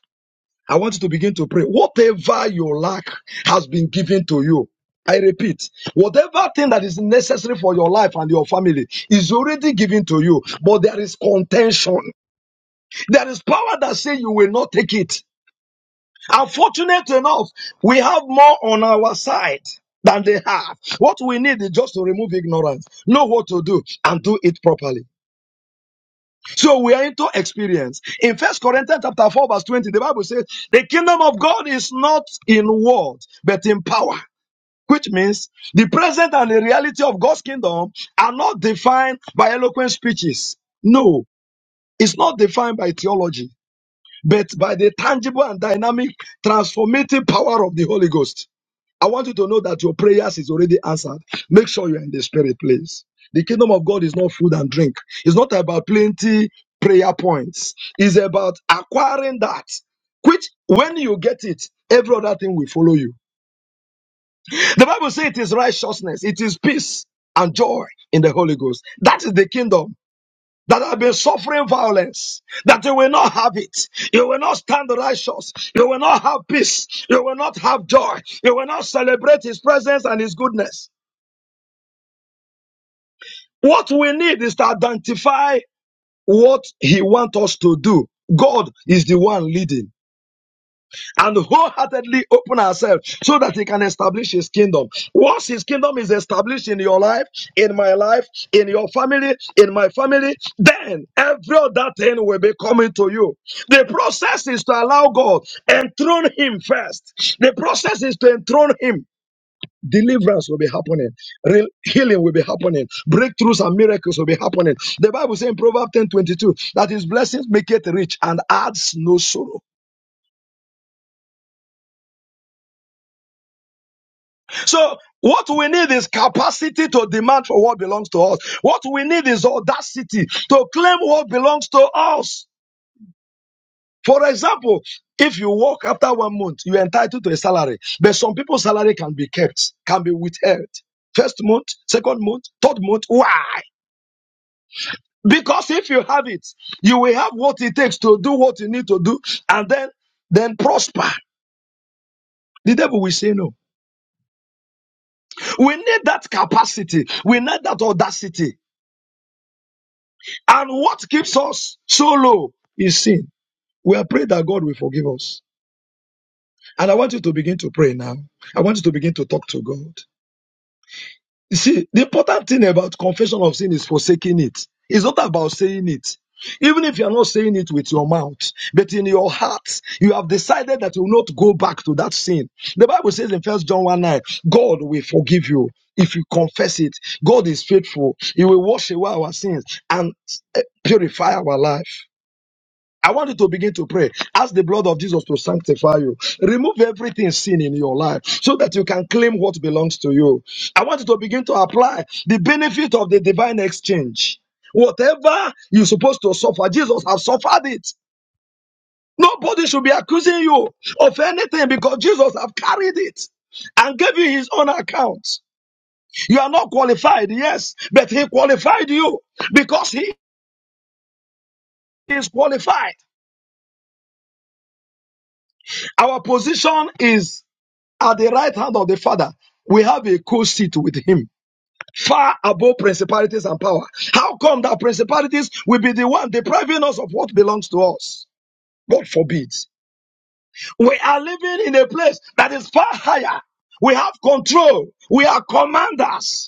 I want you to begin to pray. Whatever you lack has been given to you. I repeat, whatever thing that is necessary for your life and your family is already given to you, but there is contention. There is power that says you will not take it. Unfortunate enough, we have more on our side than they have. What we need is just to remove ignorance, know what to do, and do it properly. So we are into experience. In First Corinthians chapter 4, verse 20, the Bible says, the kingdom of God is not in word, but in power. Which means the present and the reality of God's kingdom are not defined by eloquent speeches. No, it's not defined by theology, but by the tangible and dynamic transformative power of the Holy Ghost. I want you to know that your prayers is already answered. Make sure you're in the spirit, please. The kingdom of God is not food and drink. It's not about plenty prayer points. It's about acquiring that, which when you get it, every other thing will follow you. The Bible says it is righteousness, it is peace and joy in the Holy Ghost. That is the kingdom that have been suffering violence, that you will not have it. You will not stand righteous. You will not have peace. You will not have joy. You will not celebrate his presence and his goodness. What we need is to identify what he wants us to do. God is the one leading. and wholeheartedly open ourselves so that he can establish his kingdom. Once his kingdom is established in your life, in my life, in your family, in my family, then every other thing will be coming to you. The process is to allow God, enthrone him first. The process is to enthrone him. Deliverance will be happening, Real healing will be happening, breakthroughs and miracles will be happening. The Bible says in Proverbs ten twenty two that his blessings make it rich and adds no sorrow. So what we need is capacity to demand for what belongs to us. What we need is audacity to claim what belongs to us. For example, if you work after one month, you're entitled to a salary, but some people's salary can be kept, can be withheld. First month, second month, third month. Why? Because if you have it, you will have what it takes to do what you need to do and then, then prosper. The devil will say no. We need that capacity. We need that audacity. And what keeps us so low is sin. We are praying that God will forgive us. And I want you to begin to pray now. I want you to begin to talk to God. You see, the important thing about confession of sin is forsaking it. It's not about saying it. Even if you are not saying it with your mouth, but in your heart, you have decided that you will not go back to that sin. The Bible says in First John 1 9, God will forgive you if you confess it. God is faithful. He will wash away our sins and eh, purify our life. I want you to begin to pray. Ask the blood of Jesus to sanctify you. Remove everything sin in your life so that you can claim what belongs to you. I want you to begin to apply the benefit of the divine exchange. Whatever you're supposed to suffer, Jesus has suffered it. Nobody should be accusing you of anything because Jesus have carried it and gave you his own account. You are not qualified, yes, but he qualified you because he is qualified. Our position is at the right hand of the Father, we have a co-seat with him, far above principalities and power. How come that principalities will be the one depriving us of what belongs to us? God forbid. We are living in a place that is far higher. We have control. We are commanders.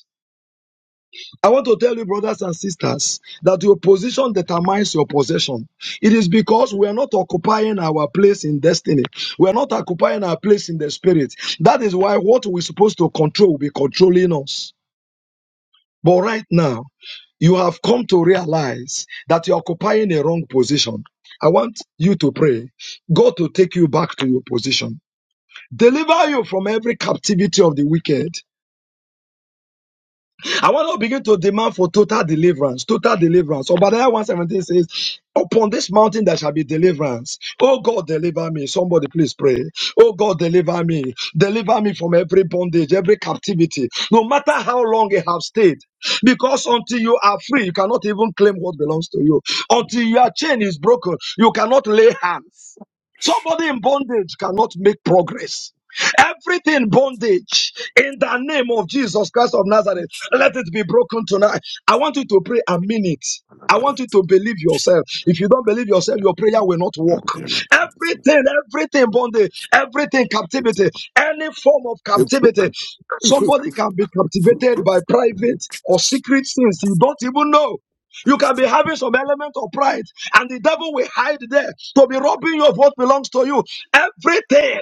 I want to tell you, brothers and sisters, that your position determines your possession. It is because we are not occupying our place in destiny. We are not occupying our place in the spirit. That is why what we're supposed to control will be controlling us. But right now, you have come to realize that you're occupying a wrong position. I want you to pray God to take you back to your position. Deliver you from every captivity of the wicked I want to begin to demand for total deliverance. Total deliverance. Obadiah 117 says, Upon this mountain there shall be deliverance. Oh God, deliver me. Somebody please pray. Oh God, deliver me. Deliver me from every bondage, every captivity, no matter how long it have stayed. Because until you are free, you cannot even claim what belongs to you. Until your chain is broken, you cannot lay hands. Somebody in bondage cannot make progress. Everything bondage in the name of Jesus Christ of Nazareth. Let it be broken tonight. I want you to pray a minute. I want you to believe yourself. If you don't believe yourself, your prayer will not work. Everything, everything, bondage, everything, captivity, any form of We captivity. Somebody can be captivated by private or secret sins you don't even know. You can be having some element of pride, and the devil will hide there to be robbing you of what belongs to you. Everything.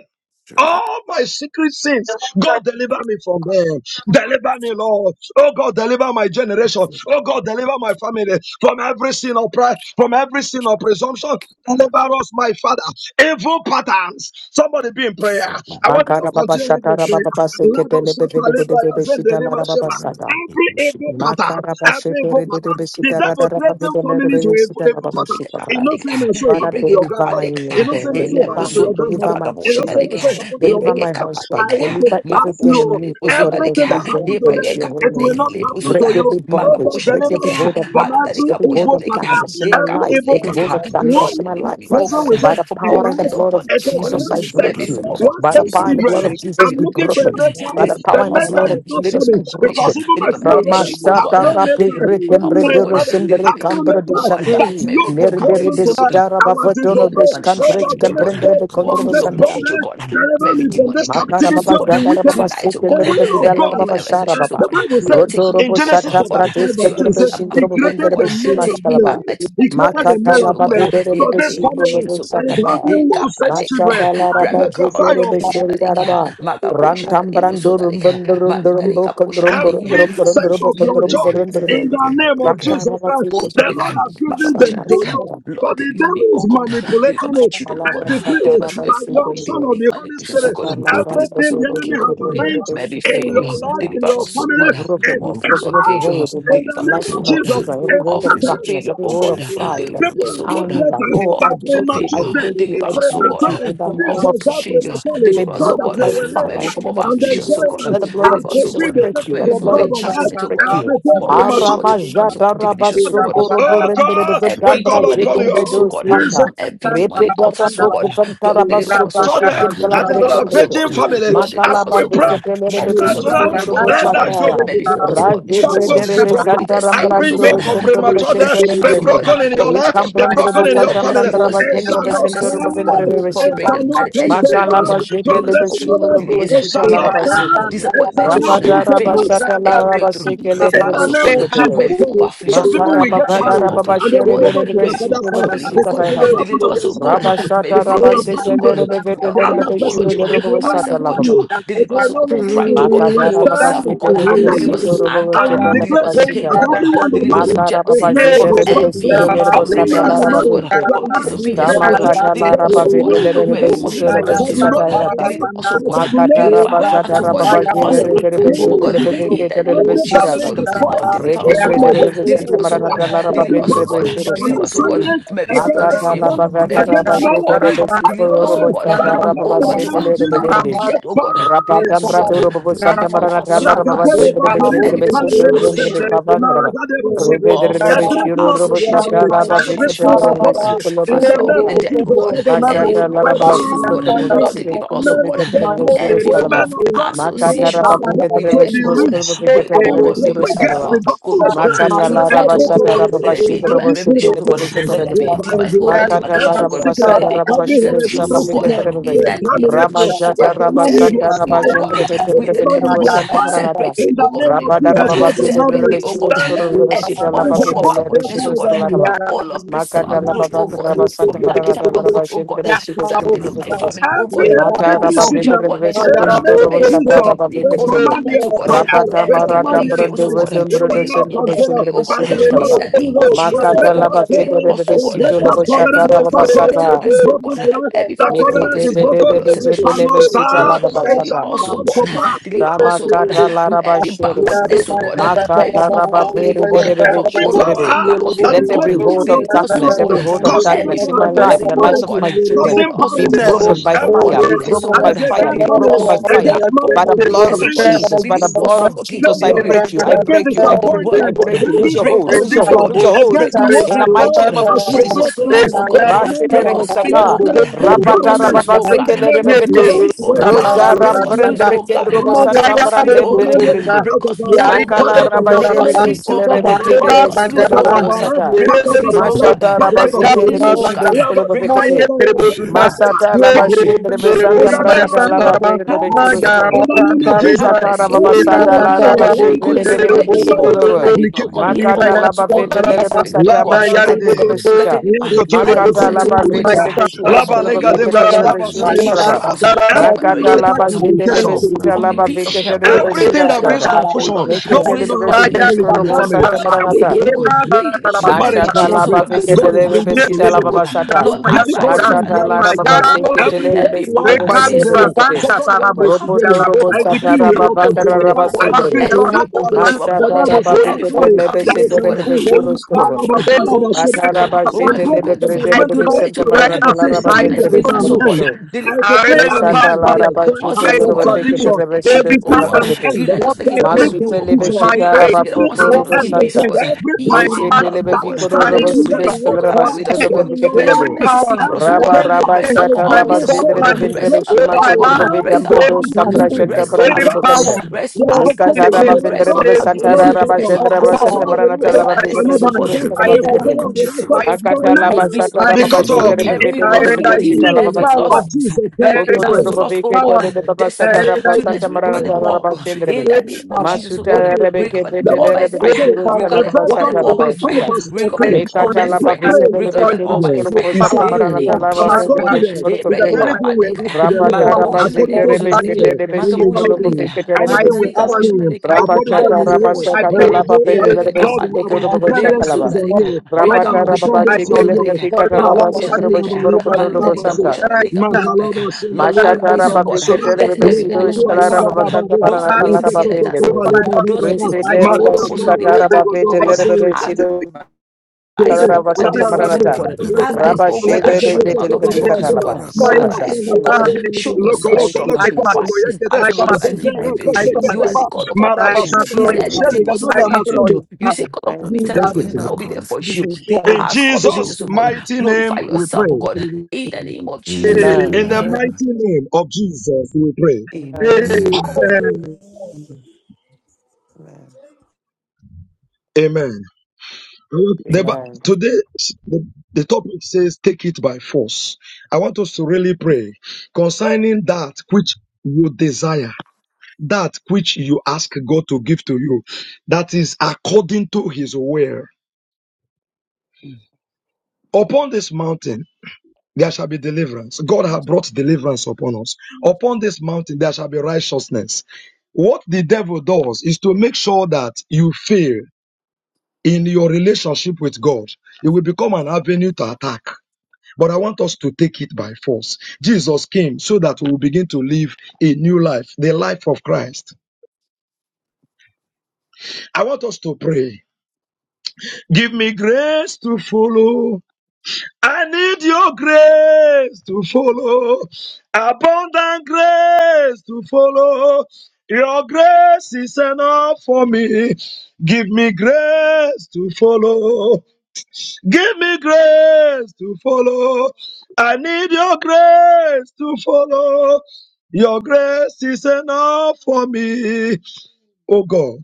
All my secret sins, God deliver me from them. Deliver me, Lord. Oh God, deliver my generation. Oh God, deliver my family from every sin of pride, from every sin of presumption. Deliver us, my Father. Evil patterns. Somebody be in prayer. I want you to Makara baba continue in shatara prayer. baba Rabba basekete lebe Shata vede de de Libra bebe Yazende shita la Lima raba Sheba. basada. Every evil pattern, Makara every evil bashetere de de pattern. The besita devil radara baba threatened vede le de families bebe with evil, shita la evil baba He pattern. shikaba. Innocent, so it Father, happened break to a your deliver my grandfather. kapalik. Lord God, Innocent, My He so it deliver Father, happened to my me, your lepozun King, lika grandmother. deliver my It magamotion also, children, deliver lika. it us, happened to O He your deliver break God. girl a my sister. kapalik. I husband, want to deliver ask you everything Magamotion in me, oh lepozun God, that does everything lika. that not bring He happened to joy break them, a to your it holy will kapalik name. not happen lepozun to Break you. every Oh bondage, God, magamotion break deliver every lika. us hold of from darkness, every Magdalika every potion hold evil of lika. pattern, darkness in my He every life, evil kapalik. every hold pattern. of Lord, darkness One in my deliver life. me, oh person will God, By say, the from all power and the kinds Yes, of blood of it bondage, oh is God, from Jesus, one I every break sex, form you. of one By the sex captivity, power and oh the blood children. God, of Jesus, I'm deliver be my looking for a broken. male children, By child. the deliver my The power and the male blood child husband, of is not deliver Jesus, my be coming marriage, because broken. even my deliver my small brother ministry, oh have God, Ramashata no male rapi deliver child. my Even rekembre health, oh my de God, mother deliver resendere has my no career, kambro male oh child. God, dishanda. That maybe yoke form of is Mirbiri broken captivity, oh God. desidara I want you to bavatoro Lead my pray. des foundation of Oh my cantres God, marriage, oh deliver God. pray for me comprendere be More from condrobo forms this of santa. bondage, oh bondage. God. From Deliver me every from Broken, this demonic Makara manipulation, captivity oh baba of God. the jadara wicked. baba Tonight, oh The God. sikendere be will of Let there be vidala a God. baba divine shara restoration, uh, oh baba. the God. Bible Lord, says take me Rotoro in back, bo oh Genesis sata oh chapter God, 5, bratis to verse your 2, kendere it be says, original path He of shintrobo life, oh created vendere be God. the male simas and Take me female. back kalaba. to He to my created life, the Makata male portion, and oh laba God. female. vedere be In So the this name of sikro family lobo Jesus, oh God. and it has sakata. been one sex children. Mashata la Ekapaleka, I raba braga prophesy jetore kabaleka, your be sheri daraba. boshanaleka, maga Rantam boshanaleka, brandurum bosonaleka, bundurum durum bo maritaleka, condrum burum boshanaleka, every durum burum sex durum maga bo of your condrum boshanaleka, choice burum durum eh, in bo. the maga- name of maga- Jesus Rakara ba Christ. portion that The sikendere they Lord be. can. has given maga- them Sama to boshanaleka, you, maga boshanaleka. but Lord, the deliver devil me, oh is God. Deliver manipulating my it. children, oh I God. Sakalabasa decree Deliver us from every by Karabasi the form of unction Kerebe, of demonic the Holy manipulation, so Spirit, God. Deliver Sakalabasa us, everything oh the God, Kerebe, enemy King broken, of has Kerebe, Thank you. glory, arranged Kerebe, from every in Shikorebe, your failure. broken in Saka. the life, Thank name in of Deliver your us, oh Jesus. We family, God, broke it. is from We all Broken in forms broke the it. of name Every of scattered failure. hold Jesus. in in my the Deliver name life us, of of oh my Capella, Jesus. God, children, Vela, from every Is all hold of forms scattered of Compelage, darkness, failure, every oh hold God. of Shepherd, Deliver pride, Dona People us, are oh Bellage, being God, anger. threatened from Oh, all by Capella, I forms of break you. I Capella, premature failure. break death, you. Deliver I Compelage, us, oh break you God, premature, in the from this all name or of forms that of failure. Jesus. prematurely, Be Deliver so us, oh that broken they God, by will from live fire every in the form Definition, of name of and affliction, so Jesus. enjoy Capellage, God. life Let the blood and of Deliver us, oh Jesus fulfill Elam, the God, break Crop, you. from purpose Let every the of form of blood God of on Jesus Elevance, earth enchantment, oh break and God. you. prepare From all Elam, kinds of God, prematurely. Shipping, forms Look, of Aramajata divination, so God rabasokoro Oh borendere you. God, Appellant, we Triple, every bedambra call demonic Thank upon you. altar, jetendre so do God, This is from every demonic Repeta altar, so rapoko God, fantara Lord, deliver Broken, us, basopo so God, Broken, that like Lord, is an deliver us, Moses, so avenging God, family Lord, deliver as us, Makalaba we so God, pray. Besetelebe more Shall from come some to tonight, that demonic will Shifulurubu not bondage, let oh come that God, to the yoke Sakara. be Lord. maybe faulty broken. Thank Raj you, foundations, oh That Jesus yoke God, be Christ. Degrebe from broken. Santa repeated cycles, Every The oh God, Rambrandrubu yoke of Freeland Center from of the premature God repeated death Shenta Shepherd. be patterns, oh Vendrende. God, broken The in from Lord your We is life, come repeated good. be from the patterns, Bo oh broken in God, your Santa family. deliver The us Brandaraba from Lord It Center every is shall near of good. not success Center of syndrome, oh stand. The God, Lord Vendrebe is from It good. Sinda. shall breaking Thank at not you, the edge come of to Jesus. Makalaba pass. breakthroughs, Look, The From deliver us Lord Jetelebe this more from shall from moment, Sikulubu come. delays, it Shita shall The not Lord Laraba deniers, come. stand. The Seke. It disappointments, shall oh Lord not shall God, come. come to Rapataraba pass. failures at Sata the edge of back. Laraba breakthrough, Seke In deliver The Lerebe the us, oh Lord name shall of God, come. back. Sikotoro. maybe Jesus The from of Christ. Some afflictions, oh people God, will Makaraba get Lord shall maybe come. from married back. of Fadaraba and lack, they oh will Shere God, you. go back to Derebe their maybe from of father's house Sikulubu The unbelief, oh Lord because God, shall they have Thank come. Sikatainata. happened deliver to back. us, their oh senior God, sister, from every Rabashata because they have faithlessness, oh Rabaseke happened to God, their Lerebe from our the lack other of, Vetelebe oh person. Lord, Shiro you It Derebo will no Father, self longer be. Sata control, It deliver will us, oh no God, from longer pride, oh be. God, We Children Makatara from Baba self, stand oh are Shitere God, de and that deliver confused. us gap Besito from Robo and They anger, we Chetala are deliver Baba us declare from hate, that oh Sitalaba. God, everyone that in a deliver us married from confused Makara will Baba jealousy, stay in the from Shitere state. They de husband's are place. Besito envy, confused Robo from about Every man Satala that rebelliousness, Raba oh married, God, uh, Fete. your from wife will disobedience, stay oh Stama with God. um, you. Satala Deliver There us, Raba oh shall be God, no Fete uh, more Lere de from every form divorce. of Besito There Robo shall immorality, be oh no their God. uh, more Shikatairata. Deliver divorce. identity. us, you. oh There God. shall uh, be no Thank more Makatara Purify our Baba divorce They hearts, oh are Satara in God. uh, Baba that confused about their relationship. Shitere They family. are Consecrate de my No home, oh Besito more God. de uh, confused divorce. In the Besito de name of Every Jesus, oh family Besirapa. God. um, about Lord, destroyer. their deliver We future. us, oh Retembre come de God. uh, against you Deliver by Besanta us, oh prayer. God. uh, Maranatala Raba Deliver Every They are us, oh Vendre power God. uh, confused on Beshirustava. Deliver about us, oh their God. uh, assignment government. From every spirit of against our Makata la disfavor, homes from bagata They are confused about their country. They every against raba demonic shete de marriages, order. I besito Deliver us, oh yorobo command God. uh, by sata the From, raba oh power in Lord, the basete name deliver, of le de Daddy, Jesus, from the bendish. dead, let oh God. uh, Deliver fire. Rapata us, oh God. brado uh, robo From every santa form of marana association, tala raba bajende Rakatereba de from bejende Feriba de every form of besoto Sanalema yongre Seba. de association pavan raba. Naragadeba from Rebe Sobe. de all The forms rebe of threaten shiro us robo with association, sata poverty, raba every vete de spirit associations, oh of Lord rebe God. poverty, in Father, the Lord, sito with name the of dead, oh Jesus God, Christ of are any Nazareth, Masata form we of Laraba association, confused oh God. Sikotar about their bind future. you. Lord, you. deliver us, oh Men God, of Shifting Vikatar from God, Surus every form Kalaba. women of of God Makata associations, Raba oh are born God, Vikatar with the to dead, be oh Vishwas God. rich. With, Vikatar And I oh will God, the Surus place we're propagate Kalaba. the about to gospel go, oh of God. Makata Christ. Tonight, Laraba oh Every God, Sata poverty, let Rababa there be a every divine Shudrobo spirit Sitin revelation, of oh God. poverty, Let there we be Vikatar a bind divine, oh you. Lord, Makata demarcation, oh Every God. Laraba Let secret, there Sata be a Rababa every complete Shido separation, Saba hereditary oh God. secret, Vikatar we In the name terminate of Rama you. Jesus, oh We Jata God, Raba command you be separate Santa me, Raba oh God Gendre expired. We Betembre with the command dead, you oh Vendrobo be God. Santa expired. Maranata. separates In me, the oh God, from name the of Rapa dead, oh God. Jesus Darababa Christ of Vita Separate me, Nazareth, oh God, the Rebeshurus from name every Kurubosita form that of, Laba is oh Vita God, above every backwardness, oh Rebeshurus God. other name. Laraba. From all of places of our Makata Yeah, good, oh Labavandra God. Rabba Santa From Thank marana damage of our Rabba good, oh God. Shindra Vesido That Shkula deliver my Vavikites. family, oh Every God. From Mata every hereditary Rabba spiritual sickness, Vidra bondage, oh in Vesido the God. name From of Shkoro every form of Sata Jesus, Rabba we demonic, all of Vikitrebe. command damage, you oh God. expire. From Rapata We every Mara command demonic you Dambrando veils, oh expire. God. Vedum you. You will Brundo Deliver not me Sendra and my continue family, Veshindra oh by God. Vesido the Thank In blood Shkalaba. the of name Jesus. of We Jesus, oh break Makata God. that Lava Deliver Vidra covenant. us, oh We God. break Vesito that Lobo From every Shata covenant. form Rabba of That all of my covenant Basata. is crisis, oh broken God. tonight. Every form That of the I'm Holy covenant Mikete is Spirit, grateful of bebe for broken. all your of Bede It separation Zede and shall not Leve divorce, generation. oh Sita God. start. Lava Lord, It deliver sata. shall not us, oh come to God. I'm pass. Deliver us, oh God, Damakata from laraba every sherebe. backwardness, oh God, from every Makata form of raba unbelief, fere oh God, derebe from Every all of faith, shendrebe. power lack of fear that of is Let every God. making people hold of to Deliver stay us, too oh darkness, long, God, every hold of from causing them every to darkness in form have my of life, in late backslid, the oh lives of marriages, God. my children, causing Deliver us, be oh barrenness, broken God, by from every fire, be power worldliness, oh broken that by is God. fire, against be Deliver family, broken us, by oh fire. God, against from By the marriages, blood worldliness, of oh bring God. this Jesus, by the Deliver us, blood oh of God, King Jesus, of I failure, glory break you, I bringing break you, I from the break you, word, I oh disappointment, God. break you. you Lose bringing your Break hold, us lose your loose, oh contradiction hold, lose God. your hold. against Break the us word In the of free, oh God mighty name God. of as we Break pray Jesus us for loose, us. Christ. oh We God. command Rashetere Break you, us free, your oh Sata. spirit, God. God, Break Rapata us barrenness. loose, oh In the God. name of Break us Jesus, Rababa free, oh we God. Roja Break bind us you. ramprende loose, oh We rekendro God. command santa Break you. us free, We brande oh God. command mbele Thank you, pack brende. Break out of us our loose, life, oh pack Makala God. out of our Break rabajere us family, free, oh pack beskele out of God. our revete de family, Break us vesiko loose, pack to out oh of lobo our God. life, sata. Break pack us out of free, our oh life, Mashata God. pack out Break of our us rabazete de loose, family. oh God. We beshido have a skolo shot Break and us. we bo go, yes, in the name of Masata Jesus. Have laba Mercy. shendre Power. Have In you. bezanta mercy, the name mrana of Jesus, oh kala ba God. Jesus, bere Have be Thank Lord, maya, mercy churus upon in kurbo. me, the oh God. name of Santa Have Jesus, Rebra, Rekata mercy raba upon every me, leda, oh basada God. marital la raba Don't let me irregularity, go the jefere Thank same bere way be I every came, oh. marital you. sikolobo. I did not come complications. here, oh Makata God, to laba all of vete you, lere be Spirit oh sata ba God. I jefete didn't come here lebe Labalagade. to get sita. any man. Lekotobra I didn't Makata come here yazende to laba lima mark vete sheba. register. lebe I've churus come that kolobo you Labalegade will vekete touch lebe me. be bragadaba You churus take solima it by sheba. kalaba. force. uh, Take my Every marriage Makata by marital laba force. um, jete That complication, lebe no you. power sita from the laba pit of hell, vekete oh lebe be God, uh, sita everything that that you brings shkalaba. have, oh confusion, Lord, uh, Mekete nobody raise lebe your knows how be to sita ugly handle heads, oh it in God, the shkorobo uh, family. over santa my And when family the maranata. again, oh God. marriage That break, you deliver me the from marriage every Mashata cannot chains, oh laba break. God, that says vekete I God will is not lebe have be bringing milk sita children, oh laba solution God. uh, basata. Lord, arise, oh difficulty God, in and Machata deliver me bearing Lara from Baba them, children. oh God. uh, Sekete Every Lere first Every power Besido one that by Rekale says, oh Caesarea, God, Shilberekete. uh, brazanta second that I one will by not have sarabosita milk Caesarea. Ropoto children, rabo, Robo oh I God. uh, kung decree it Satara sa will Deliver not me Baba oh, Dara from continue. them, Raba oh I God. decree Sindre. it will Every not continue. ustedes Ologiwa The Machata bondage, Bible Raba says Lord, that you every Vikete form of forces surely of Lebe there captivity, is Sete oh an darkness, Rebe God, end. Lord, In Beshiro over you Skorobo. forces of Proverbs failure, over my chapter spirit Atara of sucker, Ba over my 23, Sete disappointment, Lebe Philippine too. Grede I Rebe curse Tonight, Santa oh you the God, right let now. Bible Maranata says Lara Ba it I be surely my Vendre there is disown an deliverance, oh you. end. God. Besmurokoto. Deliver I me I and my declare render your an family, power Mesata end deliver Lara powerless. Ba to my Sete every husband, I oh Lere God, disown you. Vikete deliver contradiction. my Rebe I Sido children, Every oh decree Children Skalaba God. power, an Pete. end to Unite do us like walking a that. bunch every of against blue, Masute oh Lebe God. confusion. my Shita Unite I us faith, Raba together decree once Foko an again, oh, Robo end walking give to peace, oh Santa. against God. every In my unity power Meshe and mind love, telebe oh that is God. fikoro my standing raba Let your against the leader sidesh grace, oh word God, of kalaraba on abide God with us, earth, oh sidelebe in God. your Let your every fiketelebe. life. mercy power speak for us, oh Raba God. Everything working raba against Restore that is shata my our raba bringing wisdom, oh God's shame God. zedrebe and money, Restore vendrebe disgrace, our over shima I knowledge, oh my God. kondrubo life, command it Restore to our vidambrado come every to an understanding. stambra people, end shanta Restore our every brandrubo glories. power kanda. because Restore the our working stars, oh Mikata expectation of God. raba the against Restore righteous vendrebe our the santa shall not glories. be people cut raba off. Restore of our The shendrebe stars, God, oh expectation santa of God. the maranata over righteous Restore laba our my shall not destinies, fikerebe oh be family, cut God. shurus off. I The kalaba Children In the ask fikete. name expectation of of the you, Jesus, oh righteous I God. shall Akata declare you, never laba Every sata I stolen be raba cut destiny, destroy off. bashindrebe you, In every the I vetelebe lost render bebe mighty glory, sita you, name laba every power, of bashira. lost, Jesus I Christ, every we render lost, pray. oh, Masuta you, lost, oh power, God, I destinies. render you, Tonight we recover you them power, all oh, in the Every name of power Jesus, oh God. working against Rebeke Recover them The Vete people, all word de by of God Rebebe fire. every says Shurus power in Recover them, Kalababa First recover John them working Santa all chapter by against five fire. Labashita. you. verse I Recover fourteen, them all destroy Mekata by "If you. Laba fire. I pray Vete de with Recover Rebe destroy them all you. Shurus by confidence. Your fire. Kerabo He Santa power said, In "Pray." the name Maranata of of Lava Our blood Jesus, oh Vete de God. confidence Eh, Shurus of is bring that it, over Veria. my anything kappa, we nika, children. ask to the Your Rapata Lord power Magabosha na according Rabazete of to lebo His Rebe bad zonalika. Shete news will, de He will over Besito do Magabosha my na Lobo lika. it. children. Vete de I Rebe Anything we Marinarika Sita. ask destroy bosha you. na Him nika, I according to destroy Rapachata His you. Marindarika will, I He Rabasakata Boshanarika, pray will do Laba Vete for it. your de Ebeke Rebe spirit Lord, Sito Kapalika, our of Turbo Lebo dependency repentance Shakalaba. is on for, Sunarika, You. for my Lord, Rika our Rapata children. I Boshanarika, Rababati dependency pray on Kelebe You. Sunarika, for Picata your Maka Malaba Rabasendro compassion Shalaba Boshanarika, Shimoro for Libra my de Kotolo Baba children. Marindarika Santa. Sura, Right Boshanarika, now, Botanarika. Mantalaba Sende in Lord, the name of de Mashatara arise, O Brahma Jesus, God. Babrike Sura, in the Let Terebe glory, every Liba Sido enemy of your Laba my Shalara power Laga soul, Daba Babasanta of those are heart waiting Paranatalara to hear Leketo that has Toto over Babendere. my happened, those husband. Negada, waiting Rinse for I me to Seriba all destroy Mariba of us so you. that Sonda they Sikatara can Libo I come in, oh Babete Godoba God. Sele, Lerebe I Sido Arise, O Shalara God, and Basanta Spirit of disgrace them, delay, O Maranata. God. infertility, Arise, Rabba O spirit God, of and Sherebe shut delay, them out of my mockers, O infertility, Vetelebevicatalaba. God. quarreling, Simasha, Arise, O without Simasha. God, having show anything to say. yourself Thank do you, I stronger. come that. Fight against Jesus. you. this I battle, O come God, against and give you. me Thank you, Amen. I victory. come You are Jesus. the against you. God of all I flesh. cancel Is all there Thank your you, anything power. impossible I for Jesus. you cancel to all your do? You say, power. God, Thank upon Do me in you, times of that. Jesus. need, and I will be there for Do you. this. Go The ahead. In hour has come, Do this. Jesus' Jesus, O thing. God. mighty name Glorify we yourself, O pray. God. Do In the name of Jesus. this. Amen. In the Amen. mighty name of Jesus, we pray. Amen. Amen. Amen. Amen. Amen. Amen. Amen. I want- The, Bi- Amen. today, the, the topic says, Take it by force. I want us to really pray concerning that which you desire, that which you ask God to give to you, that is according to his will. Upon this mountain, there shall be deliverance. God has brought deliverance upon us. Upon this mountain, there shall be righteousness. What the devil does is to make sure that you fail in your relationship with God, it will become an avenue to attack. But I want us to take it by force. Jesus came so that we will begin to live a new life, the life of Christ. I want us to pray. Give me grace to follow. I need your grace to follow. Abundant grace to follow. Your grace is enough for me. Give me grace to follow. Give me grace to follow. I need your grace to follow. Your grace is enough for me. Oh God,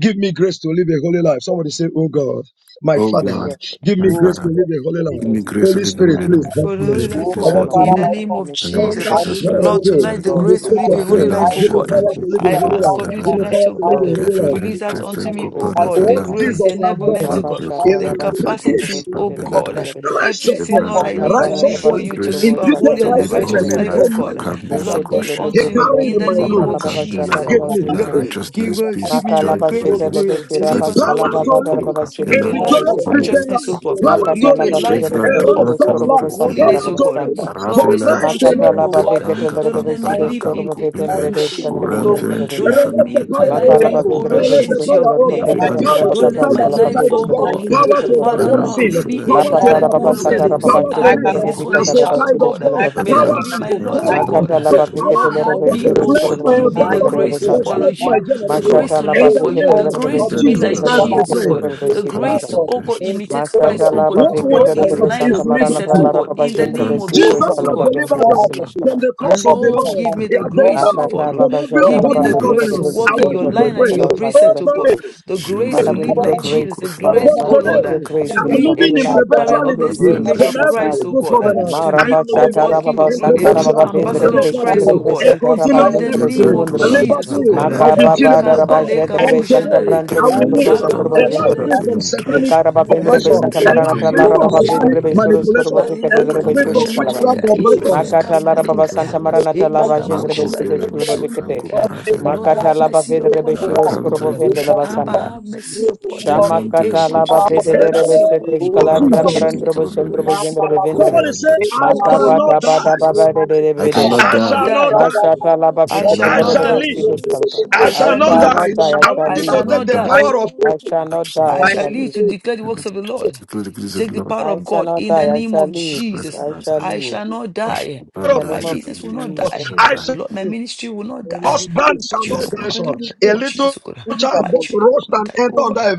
give me grace to live a holy life. Somebody say, Oh God, my Oh Father, God, give my me Oh, grace to Father, God. live a holy give life. me grace to Holy live a Spirit, Amen. holy please life. help for the Holy holy me. O Spirit, Oh, life, oh I please my God, want God, help my to me. in Father, In the live Father, my name give of me the name grace of to Jesus. I under live the a Jesus need a holy Christ, power of Lord, good life. of God, O tonight Nazareth. the leader in God, to the grace my to state live come. of a Father, holy God. I Velan give life, me oh Give me need grace a God. to Shepran power good to live a to live a holy I start life. Kofela holy ask life. of you Give fighting. me Davelash tonight, power oh to O I live a God. need God, holy my life. a Kevelan Release good that Father, to unto come. Trefen give me me, grace oh to I Kopara live a need a God, the holy What good life. grace, Velanda the Jesus to has come. enablement, done Uvan oh Rabba God, I Beko Shaka need is the a Rabba good Soto Pelafeko packaged Rabba capacity, to oh Shipan Shete be Lebe God, Vete Beladash population. Rebe everything, I'm Shepran Righteousness, Lord, Baba I God, population. we worship need Makata to Devako you. This live Rabba for Belade righteousness, you, shady Skido to is man. Grace live Rabba a good. Saka imputed holy to and Rabba a live a Good Vete righteousness righteous holy Rebe life, oh become life population. God. mine. I'm Akambera Lord, Ko Meshete give population. Lebe He unto Shepran Vete me carried in You Lebe the my need it name Saka load good. of Rabba Urakan You Bela Jesus. Shaka and gave need Rabba a me Zrike his Lord, Konfela Lebe own. give good. Righteousness I unto Peace me Maka the Joy Rabba the Holy told grace, Shete oh Ghost to Lebe Lord, to Shira live such Rabba is a the Skala holy Power Rabba kingdom life, to oh of Vada God, live Rabba Kuloka to Sede a live a Bela Shkuna I Rabba life need of victorious Shepon Sekote Christian Bela righteousness, life, oh God, Kofela power to to Makata live a Rabba live Vete life of, a Rebe Shevran of, Be do of, Shiro not of righteous Skoro count Rabba life, Santa holiness, power Rabba Krefen O Ba to God. Santa live Lord, for restore Ravelan Christ unto me, alone. Makatala O Shedanta God. Bafekete Kanga Don't Lerebe let me Pampala live Hallelujah. Sidestor in, pa- in Bafetem Kankupele, in Bredes Hallelujah. shame, O So God. Candrebation Uranven Don't wicked, Trevinda. let Chifan Release the me my power, oh life Makala great Kapelen bring, God. so O Bafetre Lord, Release for shame Kumpelas, the to Bresidus me. power, your Color oh name, O God. I Bafekata God. Ravelan need to go Power so to Don't Shetan let wicked Lerabatas stand my as for a Durakan life, child Calabafet Jesus. to of O the God. I Fikumbe, need to God, go Bishurus Power so to wicked Father, overcome Berbavicata. Balan for Lord, sin. live Jesus. be Kufela a La Power to life Father, that Shetan Patara I people Baba need overcome the look Grosen at, sin. they faith. Satara will Baba say, Power Nevele to I Ah, Shotem live is Kumpa cannot this do one as a Rebecata a Kupelas, without child of child you. Rabasidus of God? God. I cannot May that do Power, Calabavicate. Ravelan not on be my my own. Shetan lot, I O power, Gabara need the Makata God. to faith. Kufelas, power Labaficate Lord, I help to Lerebe need the me, Evelan Shurus O faith. influence God. my Give Shetan Corvicate me I the need Barakun environment, the Lerebe grace to faith. Santa. follow Velasin influence I my you, need the the generation. faith. Firakufelen grace Mashata to Dash, In live Great the for is you, thy Labaficate name the Lerebe grace of to faithfulness. Shimdan be Shurus Jesus like Christ, Become Durakan we our Jesus, O Calabavicate heart. God pray. Kufelen Lerebe to Great the is Sidus. thy grace to, Palafen faithfulness. oh God, Dash, And so, imitate Christ, Mastata Father, oh Ramfen God, and What to we Labaficate walk in I his need Lerebe have the lines Santa is faith. and Kupalafen Maranata precepts, I oh liberty. need God, the Larababa in faith. the Gendre name Second of Oh Jesus Besindre Jesus, God oh has God. Calabavendre delivered pour out us your covenant, faith Besinashkaba. from the curse of upon me the and my Lord, law. give me family, He the has delivered grace upon to my us Makata children, follow. from Baba every a Give Jatala upon me my Baba ungodly the Dede credit family. grace Dede to covenant. for I walk in want Sikala your Please, you Baba to Dede line and in covenant, pray. your Tara please, Baba Oh precept, Shura oh God. Skaba. God, please, The Jim grace please, Father, to we de live need your like abundantly, Bacan grace Jesus. The to follow. Cofeland, grace, From oh Father, abundantly, we Lord, need uh, Belan your today, grace to I'm to live be abundantly, a Cofeland, a living holy in true life. Father, carrier perpetual we need of your abundantly, this liberty Andrena image grace from of to every abundantly, Shifran Christ, oh follow. evil God. uh, Cofeland covenant. Ma to abundantly. I Shifran, be, raba am I oh need shata living God, your Baba King faith. ba of in glory, You a Baba be raba Cofen true perpetual ba bendre perfected, ambassador Copalan be of I liberty, Christ, Shifran oh shendre be God. a Bush, uh, perfected. senta raba I in continuous the need jendre the be liberty, faith. name Jevran of surundre a be. You Duran, Jesus, be oh liberty Ma God. uh, of Avelan ka the ba perfected. ba children da of Cofeland raba God. Copalan, I From need the santa today, faith. brandre I Ekapalekaboshandareka, be I will Ikefren shendre need be the live santa Shifran a faith. raba jendre life be. Copara I free need from makaboshandareka. the Velan faith. satanic Mikara You bavendre need your oppression, besanta a faith Election marana life friend free over talara from my baba Rukun Makabosha life. vedre satanic Leka, You beshurus need Fakundaraj, manipulation, korbo your Marina a fikete faith. life Leka You free Bosha beshurus from Conference need your witchcraft friend Leka, faith. Ruku oppression. Ebreke I Makata Ferenshi Kappa need lara this. Leka, santa Maybe I Frankabaraj, marana need talara Imaga gendre Bosha Mako beshudesh this. Lebo korbo Ferenshi Sona Franco I Leka. need this. Lord, I Makata have Paraferandis, laba mercy vedre upon me, O beshurus Arakan korbo God. Friku vende Abba, santa. Shipundana, have mercy upon me. Shama Jefran Terakuk Ancient laba of days, In have vedele the Ferensh, rebe mercy upon sete name me. of shkalandra Lord, show Jesus. me Kurafrenki a brandro token of your bosandro Kurvelish, mercy bojendre Raku bevendre Somebody say, Ferendish. I in the shall name not of Makavata bada die. Jesus. baba de de I I cannot shall I not die. shall not die. die. Masata I laba I shall fikete shall not I lere not die. shall die. live. beshudesh kalaba. I I I shall I shall shall not shall live. live. die. not die, I I shall want I I you shall to shall live. take not not the die. die. power of I shall I not shall die, I I live. shall shall live. live to declare the And I works of the Lord, declare the to grace of take the the Lord power I of shall God not in in the die. the I name name of shall of Jesus live. Christ Jesus. of I shall Nazareth. I live. shall not I should die. have In done power the I My name of should have business will leave. not I of- should die. have Jesus. I done shall Lord, my Amen. ministry will not die. need this. husband My shall not children Yes, will die. Lord. I not die son. in the A name of Jesus, little oh God. need child My that. just children roast will not and die, I oh enter on God. that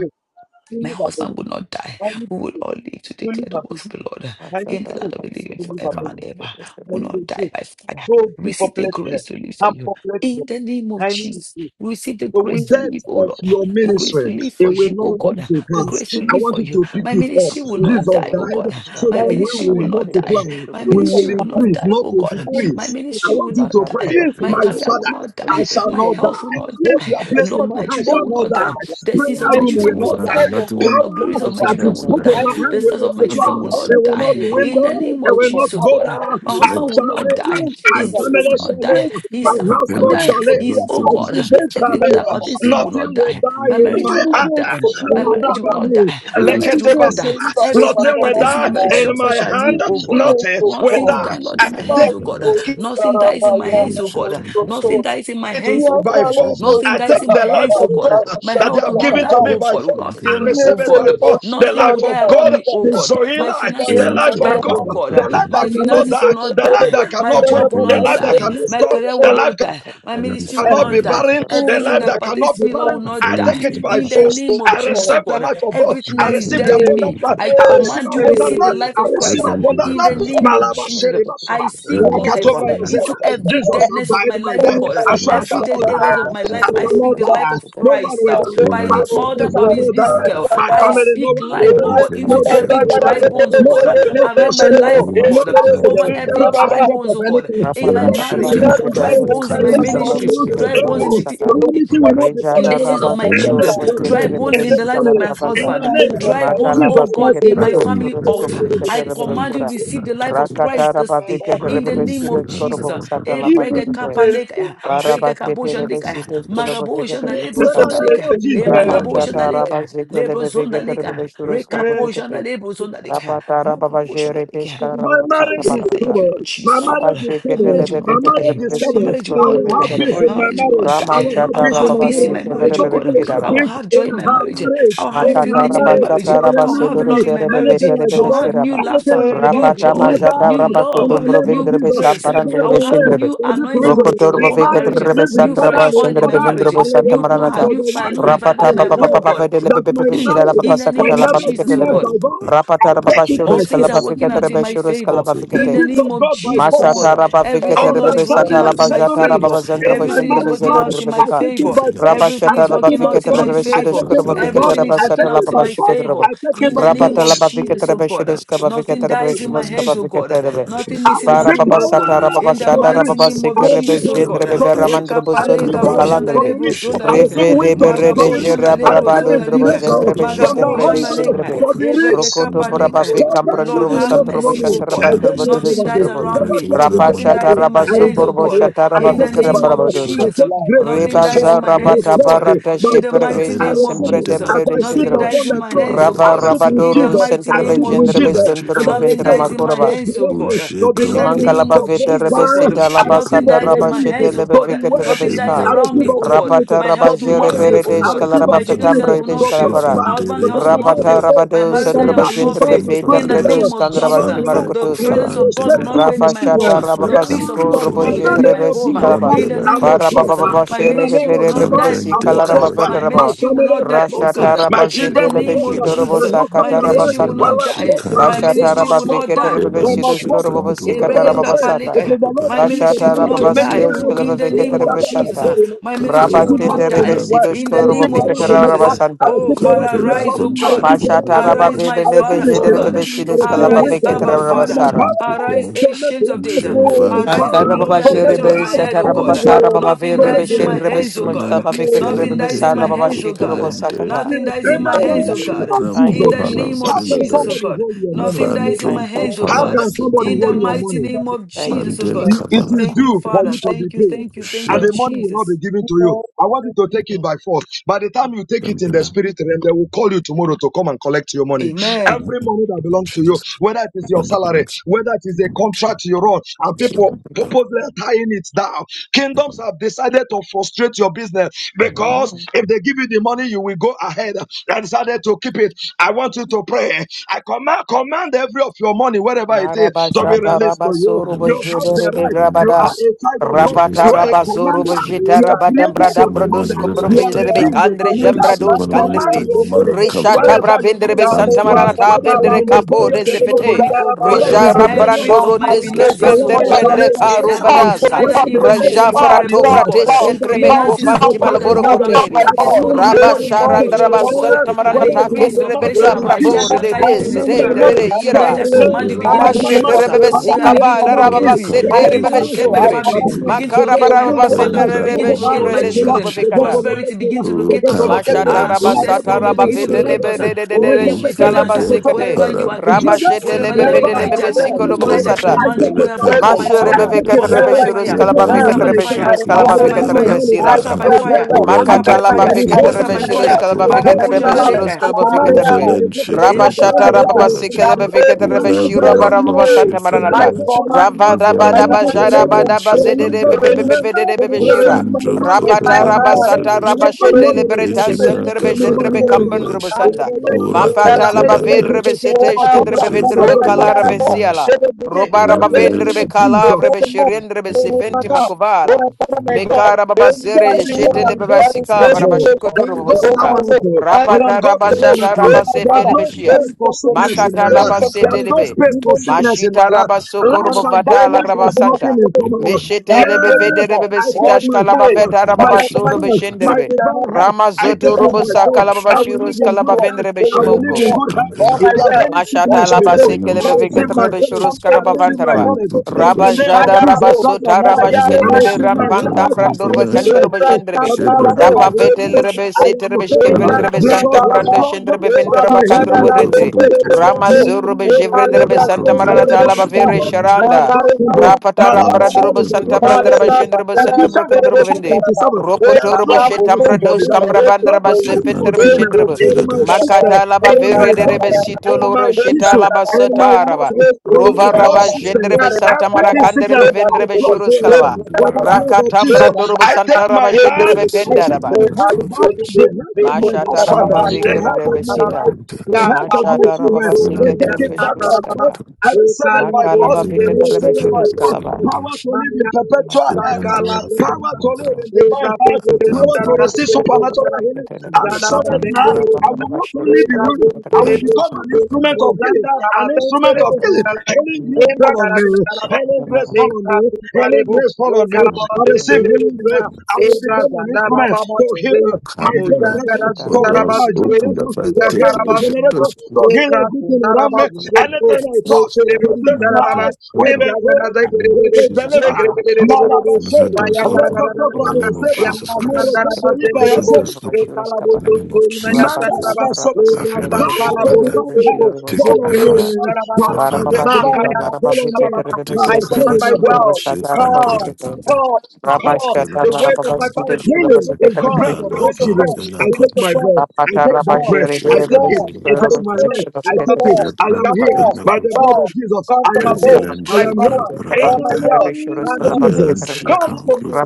My need this. husband will not die. Only We will truth. all live to Only declare the Baptist. works of the Lord I Only shall in die. the truth. land of I the shall living live. Only forever Yeah. Baptist. and I ever. shall We will live. not Only die truth. by fire. Go deep Receive the populate her. grace to live for I'm you. populate her. In the name of I need the Jesus, we receive the The grace wind to truth. death live, oh of Lord. your I The need grace the to ministry, truth. live it for will you, oh not Only, come God. to The pass. grace to I live only want for you you. to Yes, pick My it Lord. up. ministry will the I not one. Jesus die, shall oh not died die. God. I so shall My I live. I that shall need we ministry will will grace. not live. I multiply, die. shall My we Only will ministry the will live. not I increase, one. die, not oh to shall God. I need. I need live. My decrease. the I ministry truth. want will Lord. you to not Mata la pray, die. papa Grace to My be sete de my de your de career way. will de Father. de de not I Grace die. to be shall de My your not way. health will die. not Grace What de you die. have to placed be in de Lord, my my hand children all shall will the de not not days of die. my die. life. The de sins Prayer of Thank I you. my room need Just the children will will bless grace. not not that die. God that die. of Oh grace nothing, Lord, upon glories Power my of my nothing that family. you children will else Makata in not put la the in I die. head. my bajo de need hand de The the will stars de de of my grace. de Lord. multiply. children de Nothing will I missing, It need not the will die. not nothing grace. In broken. the dwindle. name It of Grace will for not Jesus, nothing- oh go God, down. abundance. my It's de I not de husband will shall not that. live. die. Yes, to My de be His I'm that glory so will family sorry. person. not shall die. Yes, live. to be My His that Thank star person. I will feel not household I'm Yes, die. sick. shall to I live. be His, don't feel so oh that person. My God, Yes, children to be shall not everything that live. that going to pertains to him will person. Nothing not I'm will die. not die going My to in do it. i don't think- Nothing is- Give marriage me will my the hand. not grace die. to be My an marriage will overcomer. not Ladabani, die. My Give nothing me is the marriage will not grace actually- to die. live leketebasuda. it's an just- Everything that Nothing will I'm pertains overcomer's to not my die going to do marriage in life. shall, all my it. shall It's hand. live, Give not going oh to me do God. grace, Nothing O One will thing will She's God. die. die, not going Lord, in to my do I I'm not going hands, take to oh Father, God. do for it. it Nothing dies in my I'm not Sitarabaya, hands, going oh to for God. do Nothing Soto. dies in my hands, oh Yes, by I God. will She's go force. not to Nothing going I to dies take do in my the life hands, oh of Tarabaya, God God. I will My stand that they health have will Thank not given you. die, to Tarabaya. me oh by God, will force. not fail I me, Yes, receive oh it I by will God. go force. to The Nothing will life of die Tarabaya, around God, me, stand oh the God. Zoe My life, Tarabaya, finances the will life not stand of die, God, oh Tarabaya. God. the life My that In the cannot name finances will of die, not the life the die. that Lord, My cannot quit, job will the not Tarabaya, life that die. you. cannot My stand stop, career the will life not Tarabaya. Thank die. you. My ministry will cannot be not die. barren, the Everything life that Baba, that cannot pertains to be me, Lord, barren, will not I take die. it by In the force. name of I Jesus, oh receive the God, life of God. everything I that is receive the dead in abundant me, life. I I Mata, receive command you, abundant Akhirnya receive the life. life I of receive Christ. uh, abundant In life. the name of Malaba Jesus, Shereba Saba. I speak life uh, Lakatobra Yoseba. into every Jesus have deadness of my died my life, oh death. God. I shall, I Every shall day, not areas of die. my life, I I shall not speak the life die. of No one Christ will uh, die. by My the order business of will his not die. discal. My I family, no speak one will life, oh die. God, into Nobody every will dry die. bones, kita oh No God, bisa uh, one will not melakukan around crush my anyone. life, oh cara-cara No God, uh, sekuler yang over accident. every No dry kita accident bones, of oh God, anything. kind. in The my Rapata darkness marriage, in Zeelandschiffe uh, und Rabati December dry month. Keterabadi bones in In my Churus Grafikampfe the nach December Shurustolo ministry, month. Christian dry Ketelebe bones in Evil. Zeelandschiffe Sata. und the Calamity will not Kupalage. befall in Rejada the sins anyone. of Rabat my In Sotoro children, this Zeelandschiffe und person. dry Keterebe Fehler bone In in this the life of family. Sikalar my In Bavanda. Fehler Give me the husband, name Trabela dry of bone, Machala Vana. Jesus oh Bafi God, Christ we in the my pray. Keterebe family Rakun Shurusko altar. I Fehlernschiffe Keterebe und command you Shura. receive the Christian life of Trabelasch. Rakata Christ this Rabati day in Keterebe the Rakun name of Sirus Fehler Jesus. Korobo Trabela Sata Eh, brega Labavigate. kapa Kupalage. grace leka, to God. brega kabo Arabaketelebe shandika, sitotkolebe magabo vegetelebe shandalebo Keep In a the sata. name zondaleka, of eh, my Jesus. life. magabo Ramanjata shandaleka, lebo rabazekelebe zondaleka, vegetelebe The suroskolebe rekapo grace vekete. shandalebo zondaleka, Rapata magabo rababajere shandaleka. to peska My God, we rababasanta marriage say is baranata. thank you, stable. Lord My Jesus. Oh marriage God, is my stable. marriage will Rabasheketelebe My not marriage die. is vegetelebe My be stable. marriage will I sidostorbe not will thirst have die. peace for vegetelebe. in My my marriage will marriage. you, not I die. will God, have I Ramanjata will peace to in have my peace in marriage. my trust My to rababasekelebe marriage, oh daughter will God. you. have I vegetelebe. will peace have in joy in my her marriage. marriage. I will have In Give me her fulfillment in my Makataraba marriage, grace. marriage. there will I shataraba will have never sedoro be love in my sherebe marriage. anything like veterebe I will have divorce. new seraba. Anything laughter, like Find the grace. new divorce. Rapata joy, Find Never. majata new the In love, rabakotum the name of new brovindrabe Jesus. grace. The I will samparandrabe Bible grace. have says, shindrebe. new for this anointing reason, of God a Rokotorbo upon my man marriage, will veketrebe leave his new father sandraba and fresh his oil in my shindrebe mother marriage, vindrobo and he santa will new cling power, to maranata. new the fire, wife. new I revival Rapata in my baba home, oh baba baba declare God. vedelebe that my pepe shirala marriage baba in the will sakata name of laba never Jesus, oh experience viketelebe. God. divorce. I Rapata baba take it by All shurus things are kalaba force working out in viketrebe my shurus favor. kalaba the In the vikete. peace name of of God by Jesus, oh Find force. Masata God. raba our Everything, Lord, viketrebe is working Understanding destiny. satala and out in my bajata settlement raba favor. in zandrabo my Everything is shindrebe marriage working life. out in zerendrebe my I take it favor. by force. Everything I Rabashata is take it working by out Labavikata in force. my I favor. take Rabashidashkara it by Bavikata force. Everything is I working Rabasata take it out in Shit, by my force. Labashikata Rabba favor. I Oh, take it In Thank by the Jesus. name Rabata of force. Labavikata Jesus, oh God. Rabashidashka Bavikata Nothing dies in my Rabashmaska hands, oh God. Bavikata Rabbe Nothing I missing, receive nothing Barababa broken. Sata power Rababa In the to be Shata mighty rich. Rababa name of I Sikir receive Rebe Jesus, oh power Jin God. to be rich. I Ekapale receive Sundrubu gabo power janda to be Kalandrebe lebro rich. zonda I receive leka. Reve de wisdom Bere to de be Magabo rich. janda Jera I lebro receive zonda Brabadundrubu leka. inspiration Zendrebe from the Magabo Shetembre de Holy janda Ghost leka. Sindrebe to be Ebrege rich. Rokoto kapaleka. Brabavi Poverty Lord, Kamprandrubu will have not Sandrubu know mercy, me. O I God. don't Shantarabandrubu know Nothing dies poverty. Sundrubu around me. Poverty, I Rapa Nothing rejected Shata dies you. in Rabba my I hands, O rejected Sukurbo God. you. Shata I In the take it by name of force. I Rabavikarambarabadundo Jesus. take um, grace Nothing Reba dies in for my hands, zarabata O God. prosperity parata by In the force. mighty I sheperpete name of receive sempre it. Jesus. um, dembre As de I sit Nothing shendreba. upon dies in the my throne, hands, O I Rava God. Um, sit you. with In the rabadoro Jesus. mighty I centrebe name sit of Rakun with gendrebe Jesus Bela Jesus. um, and centrebe I Shifran Nothing ventre receive dies in Filakatan, my the makoraba. hands, O God. inspiration Uh, to Ushe In the Gram become rich, name Shimankalaba to Filakatan, of vete Jesus, O God. prosper. Um, rebesita I Ushe laba receive Nothing Gram sata dies in raba my opportunity shete hands, Filakatan, O lebe to God. Uh, be vekete Nothing wealthy. Ushe dies rebeska. I Gram around receive me, O God. opportunity Rapata Filakatan, My to raba health be will jere not fail, Ukam wealthy. O berete I Fran God. receive shkalaraba My Fikumba, children's health opportunity fetambre will de to not Ushe fail. shkalabara. prosper. Fran My husband's Dere health Because will the not Rapata Bible fail. Kumpala, says raba My in dos and marital Psalm Ufran raba health will 35 not jendre fail Shikrum verse in the befetambre 27, Faladash, dos name of the kandraba Jesus. Lord Famve delights The in the shimarakotoskaba. presence of Kufaran God will Dere, prosperity not of fail Rafa in his my children. shata home. raba Shifra The peace of Country basiko Yes, God will robo not in be the dead Filande, in jedre my name of home. Jesus besikalaba. In the Christ, Rambela I name of must Para baba Jesus, prosper. baba Kunshifranda, my In shere the ministry name of will bevere not Ukam Jesus, bebe die, oh I Vende must God. sikalaraba prosper. My Karavela, My fetaraba. ministry will family not will die, oh prosper. Rashata Ufen God. raba My In the children zete will lebe name of prosper. shito Kunshikrum robo My Jesus, my husband sakata and raba and ministry wife will Velan santa. not will die. will prosper. Shikan My They ministry Bashataraba must Kasalas, will not prosper. die. Viketerebe They Velan must prosper. Sidoshkorobova Shikan The Dura Bible Sikatarababa Kanda says, Sata. it is Ebregekapalekaya. the Padaba, Lord My that gives the ministry will power to not Bashatarababa Figan make die Teka wealth in Sidoshkorobova the Kanda name of Viketerebe Jesus. Santa. Padaba, ah. My I ministry will receive Kavelan not power to Rabasteterebe make die Kupelan wealth. in I the Fikan Sidoshkorobova receive name of power to Tevelan, make Jesus. Viketerebe ah. wealth. I Santa. Oh, receive power Ukam to Father, make Vela arise, wealth. oh I Konshi receive God. power to Kungu make Mashataraba Arise, wealth. Vadas, my I Vedenebe receive Father, oh Ufalan Jederebe inspiration. God. I receive Shikon Sidoshkalaba Arise, wisdom. Abba, I Kupelan Viketerebe am Father. Sara. Fikan empowered Arise, Kupelas, to make ancient of days. wealth. ah. I am Lord empowered Jemvan of Arise, the peace, Akarababa glory Kapelan to and the make lifter of Jerebe my wealth. head, I O am Devela Satarababa God. Sara Lord of empowered Baba Nothing to Verebe make dies in peace, my Bande wealth. Shenrebe hands, O kufelan God. Simochkaba Lord of Nothing kifelen Viketerebe dies in Sara my deben Baba hands, O Shiturobo God. kupelen de Sakata. Nothing spirit dies of In in the my God, hands, O like, Uvinchen name of God. bran you Thank In know, Jesus, you, the you kupalan name how of Jesus. can Jesus, O filadash somebody God. hold your know, money? Nothing you Uvan dies in my dron Thank know, you, hands, you know, O How kupalan you Jesus. can God. somebody In the hold your fekombela mighty money? name of Thank know, you know, you you, Jesus, oh Vanden God. know, It Jesus. kabala is Thank you, due for Father. you kumpelish to be Thank you, paid, you know, thank you, you thank and know, Shape you, the money will not be Jesus. given to you. Lord, I want you to take it by force. By the time you take it in the kambela spirit realm, they will call you tomorrow to come and collect your money. Amen. in Every the money that name of belongs to you, Jesus whether it is your when the salary, belongs to whether it is a the contract you're and people purposely tying it down. Kingdoms have decided to frustrate your business because Mhm. if they give you the money, you will go ahead. They decided to keep it. I want you to pray. I command command every of your money, wherever it is, to be machine. Marabashata released to you. In rabasuru the name You of have the Jesus, bojere right. everyone You want are begrabada. a is child be of God. Rapata released You are in a the rabazuru commander. Come to me, come to me, come, come, receive it. bojita You are rabadambra created Receive a my dambrodus money, commander. cumbro wherever You it's are vijere tied be down. redeemed a candre I commander. receive jambradus money when it's Command candre. tied your down. Money money, come to Rishata me. wherever your Go bravendere be money family, is santa go stored, like maranata and whether it is fella, vendere in the go to belly capo de like of the sheep and zefete. money, down. crocodile, oh whether God, it is Rija Rather the than belly of every rambrando sheep the of and my snake, rotesken those and finances, oh bendem whether elements. shall God, Go brende ever for, show it go caro me that been for, vadaska. go for, go tied whether up for, they even in the hide it Raja go for, spiritual under go the realm, for, go vrato for. oh Eh, ocean. God, come, In She pratesken the come up, come, name of trebeco up, finances, up, up, come Jesus oh up, fantima by up, God, Christ of that loboro eh. Paul, all I'm Nazareth, come she by supposed coteria. to I come up, get, up, Paul. command all my up, while Rabba up, money having a up, up, eh. to new Everybody be job, sharandaraba oh belong she come to God, released, up, santa up, me, and whether up, the it maranata is up, on prince everybody. the of up, up, mouth kendrebe patience eh. of da Rain the have up Go fish. for and hijacked brabore down, black, and de go I tied it for in mind the la command my your spiritual bella, realm. way, desidendere eh. money mind to your be Tonight Go ira. I way. send command you released, there, I begin By not to couldn't the my spring faith Ramashete shift of money. forth. from rebebe faith, I Oh, there. see yeah, I where begin my to sikavada money command rababa locate is. you, me, The Urakam I sete begin name to rebebe breke of command locate you, my I the filen shendrebe. family, command Father, you. begin chifunda. to the Makara great So locate my upon lose barababa your sente husband, destiny. hand, Venda lose They're begin rebebe your going to to locate compra shivre my hand, locate me now. velan children, They're going to deskelobove chifunda. prosperity, locate me now. begin to They're locate going to us, Urakam locate me. ah, velan Mashataraba Laba, success, laba, chikun progress, laba, sataraba begin to laba, locate vetelebe us. laba. de viselanda. de de Oh, de Leke, you te, te, te, shita te, finance. laba te, Uvende te, sekete. te, Wherever you kuparam are te. Raba hidden, Jebe, shete wherever lebe you are Wherever laba, being vede kuchifundera. my lebe laba, be hijacked, laba, ah, word, laba, sikolo the bobo word tonight laba. I of my sata. Ukanchen I command you, people, take oh vela the it yeah, by word bust kan out of force. by my I fire, husband, take it by bust kutelanda. out by wherever force. it Masherebefeketerebeshurus is I fire, in take bust my out hand, by Uvandran money back. fire, by kalabafeketerebeshurus the chikun power I of bust the out name by of receive vela my fire, Jesus, money I back. bust out kambela. by I kalabafeketerebesirashkaba. grab my break fire, the word, bust I out anger by Urande collect my kun that fire, word, is I vela bust holding out claim by my kan my Makatalabafeketerebeshurus money. fire. word, chikun It's all my holding Magabo my money. salary, gruvelaje. kalabafeketerebeshurus Jandaleka. I I command the hand kalabafeketerebe. to realize, be Uvelen broken. the Eh, I chikun nation command I Rabashata the kuparam hand to realize, be shut velaje. that it out. owes me Release it for rababasikerebefeketerebeshura to Uvavera me kun now. years. barababasanta I Release maranata. it chifundera. to me command, now. I Uvelan Release it command to the me now. tefelen weapon, they shipman Release begin it to to me release, gabalas. it, now. begin to Rabadabadabajarabababazederebebebebebebebeshira. Release release Ufan my drunk money. in my Rapata kopelen hand, Release- rabasata kefeles. Let begin to my release, money it, return to begin Inkefi rabashetelebretas to me. release, it, blanca In begin to falan release. krebeles. That's senterebejendrebekambandrobosanda. many, Ura that's Mafata many kampelandas. promises. Oh Inzevran my God, dura oh labavedrebesheteshkendrebevendrobekalara my God. kambelas. vesiala. Let us begin. Robara Ura the Let us pelen bavendre name be begin. of shipman The calavre gabalas. Jesus. be second move. sherendre be Shipman Let us back sefenti gabalas. up. Oh makovala. my God, oh my God. Mekara babazere Anyone in Somebody the say, yeshete I world le Shipman am dura that God's is babasika kambelas. holding me temple. over. I varabashikoto am God's Shipman robosika. Oh dura kambelas. my God. tabernacle. I I am am Rapata God's the rabashata Lord. tabernacle. Oh Shipman my dura There's rabasefele Father. no kambelas. Let beshia. space him for come to me. sickness Shipman in Makata my Let him life. dura come to labasete There's no lebe. space for me sickness in Mashita my life. rabasoko Light morning. and Oh, robovata la what darkness the has Father has nothing rabasanta. in what the common. Father has Meshete been lebe waiting Yes, vedere for bebe I take all sita these my shkala years. health, baveta my Father, I rababasoro command you, health, this my is beshenderebe. an divine offer. health. Rama I This is zoto take an it by offer. robosaka force. I Come kambelas. will lababashiro will live come in to good us. health. They I will will come live to beshimonko. in us. good Relationship and health. the All lack If my and there's that. well, any on Mashata sickness the laba way, before, sekele I come Relationship to and receive me. good. beveketre my be healing. Come shurus to I me. karaba receive my vantaraba. Very Come healing. to Good me. In the Raba relationship name of and jada that. raba Kayarabo, Jesus Christ of sota raba Nazareth, Kayare I Maya shkendrebe Relationship receive ran my and pam good. healing. Sankarapa, tambran But durba it's in Relationship my kandruba Lebra spirit. shendrebe. The Bible and good. Sankarabo, said by Rapa his Lebra Relationship stripes vetelrebe I am setrebe Sankarabo, healed. Lebra shkevendrebe Jesus was Sankarabo, santambrando strong, but shendrebe Lebra my and ventraba healing kandrubu will be good. rende. complete. I Rama Relationship Sankarabo, zurube Lebra jevrendrebe Sankarabo, Lebra Arakom Vera santamarana am God's talaba Kushit Sankarabo, and vere temple. Danish, I am sharanda. Thank God's temple. Rapata Malaba rambra Relationship drubu Terry, and the Bible Danish, has santabrandraba said. shendrebe Ephesians chapter 4, santambrukundrubu vende. twenty-seven. Ropo There is no toruba vacancy shetambra for the dos devil. kambra No vandraba vacancy Jibran for sefentrebe Vera sickness shendrebe. in Kamvela my Dash, system, Makata laba in my vere de Ekam rebe body, Vera sito in my loro shita tissue, laba in my sata raba. muscles, in my Rova blood raba Jibran Vera system. jendrebe santa Kamvela, Everything sickness, marakanderebe I vendrebe flush it shurus away kalaba. Jibran with Vera the blood of Rakatam Kamvela, Jesus. brandorubu I take santa my raba heart, shendrebe I venda take raba. my heart back, the heart of my Mashata raba husband, ba the vikere Shindandura heart of rebe comes my in a sita. wife, the vintage. heart of my Mashata raba children. ba I Finan sikete take Devi it rebe back comes by shurus in a you. God. kaba. I vintage. receive it Ekali by Makala God. ba I bozindele Evident vikete rebe receive it second by bozindele shurus God. kalaba. bozindele. Power refunders. to live in Maya perpetual Makala ba health, sankala Shindandura power bozindele. to Finan live kalaba. in Eza divine health, bengo Adam power to bezindara receive Finan. bazindele Mashata raba supernatural bozindara. healing. vikete I rebe. Zanda receive raba it now. bengele Shindandura Raba I raba will bozindara. Finan. ba not only shurus be Eza kaba willing, vikete I rebe bengele will Lang. shurus become kaba. an bozindele. instrument Vikete. of healing. Mozanda raba An instrument tengele of healing. bozindara. Healing grace Amen. Eza fall on gara me. zindara raba. Healing grace Amen. fall on Leka me. kunkale Healing bo. grace fall on me. Leka la baba I Rabba receive bengele healing grace. bozindara. I will first. Eza become an zanda instrument raba to heal bozindele. uh, my Alhamdulillah, Mozanda generation, raba or to zindara heal my doors bazindele. open generation, that I to Mozanda take heal my raba initiative. generation, zindara. Doors open. to heal Leka everything kundara around me. In bazindele. Anything I touch Mokerebo from this Sundara Baba, night will Him, be healed, Raganazai the name will of Gerede, be Jesus delivered. Christ. Negregede, And I shut Malabashe, Maya, doors open Karagana, in Lekotobra the name of Yaseba, Yanga Jesus Christ. Sandara And I Morotetoribra shut Bandebo, Yaseba, doors open Kalabo in the name of Maya, Mokerebotsundarababa, Embragadazaigerebebe, Jesus Negregerebebe, Mayakaradadadadada, Yangasandarabazendebo, Christ. Ekalabotsuntoimayasandaraba, Mandala Sovereign. Kafiran Power for Shipanda, divine Lebrasankalabotsuntorebo, help. take Fall it by on me, force. Lord. Mokerebotsundarababa, Power for the Barababa Fafana divine Sheta, help. Laraba Fall Kumbinash, on Vegeta, me. Makayarasandarababa. Rebebe take I Power, it by Center, show command me my force. the Shimbabo well, Sataraba come, Shipandura Vegeta, Kunde, come, Rabba come, Sheta, the Kafiran words of Larababa my Sida, Shikambara family, they're Shkulaba Healing going Kunde, to is the come, bread of they're God's going to children. come, Alapam Vela I Sita, they're going take to my Conship, come, bread. In I they're going to take that come, bread. I the the take it. wall, Shipandura It and is the my Kunde, spirit right. is I on take it. I am Shipandura the healed wall, by the blood Lord, of Kunde, Jesus. come I from am above. healed. Revelan I I am healed. command Shipandura In all my the Kunde, wealth, name not of on the way. Avelan Jesus. Come Shikam to me,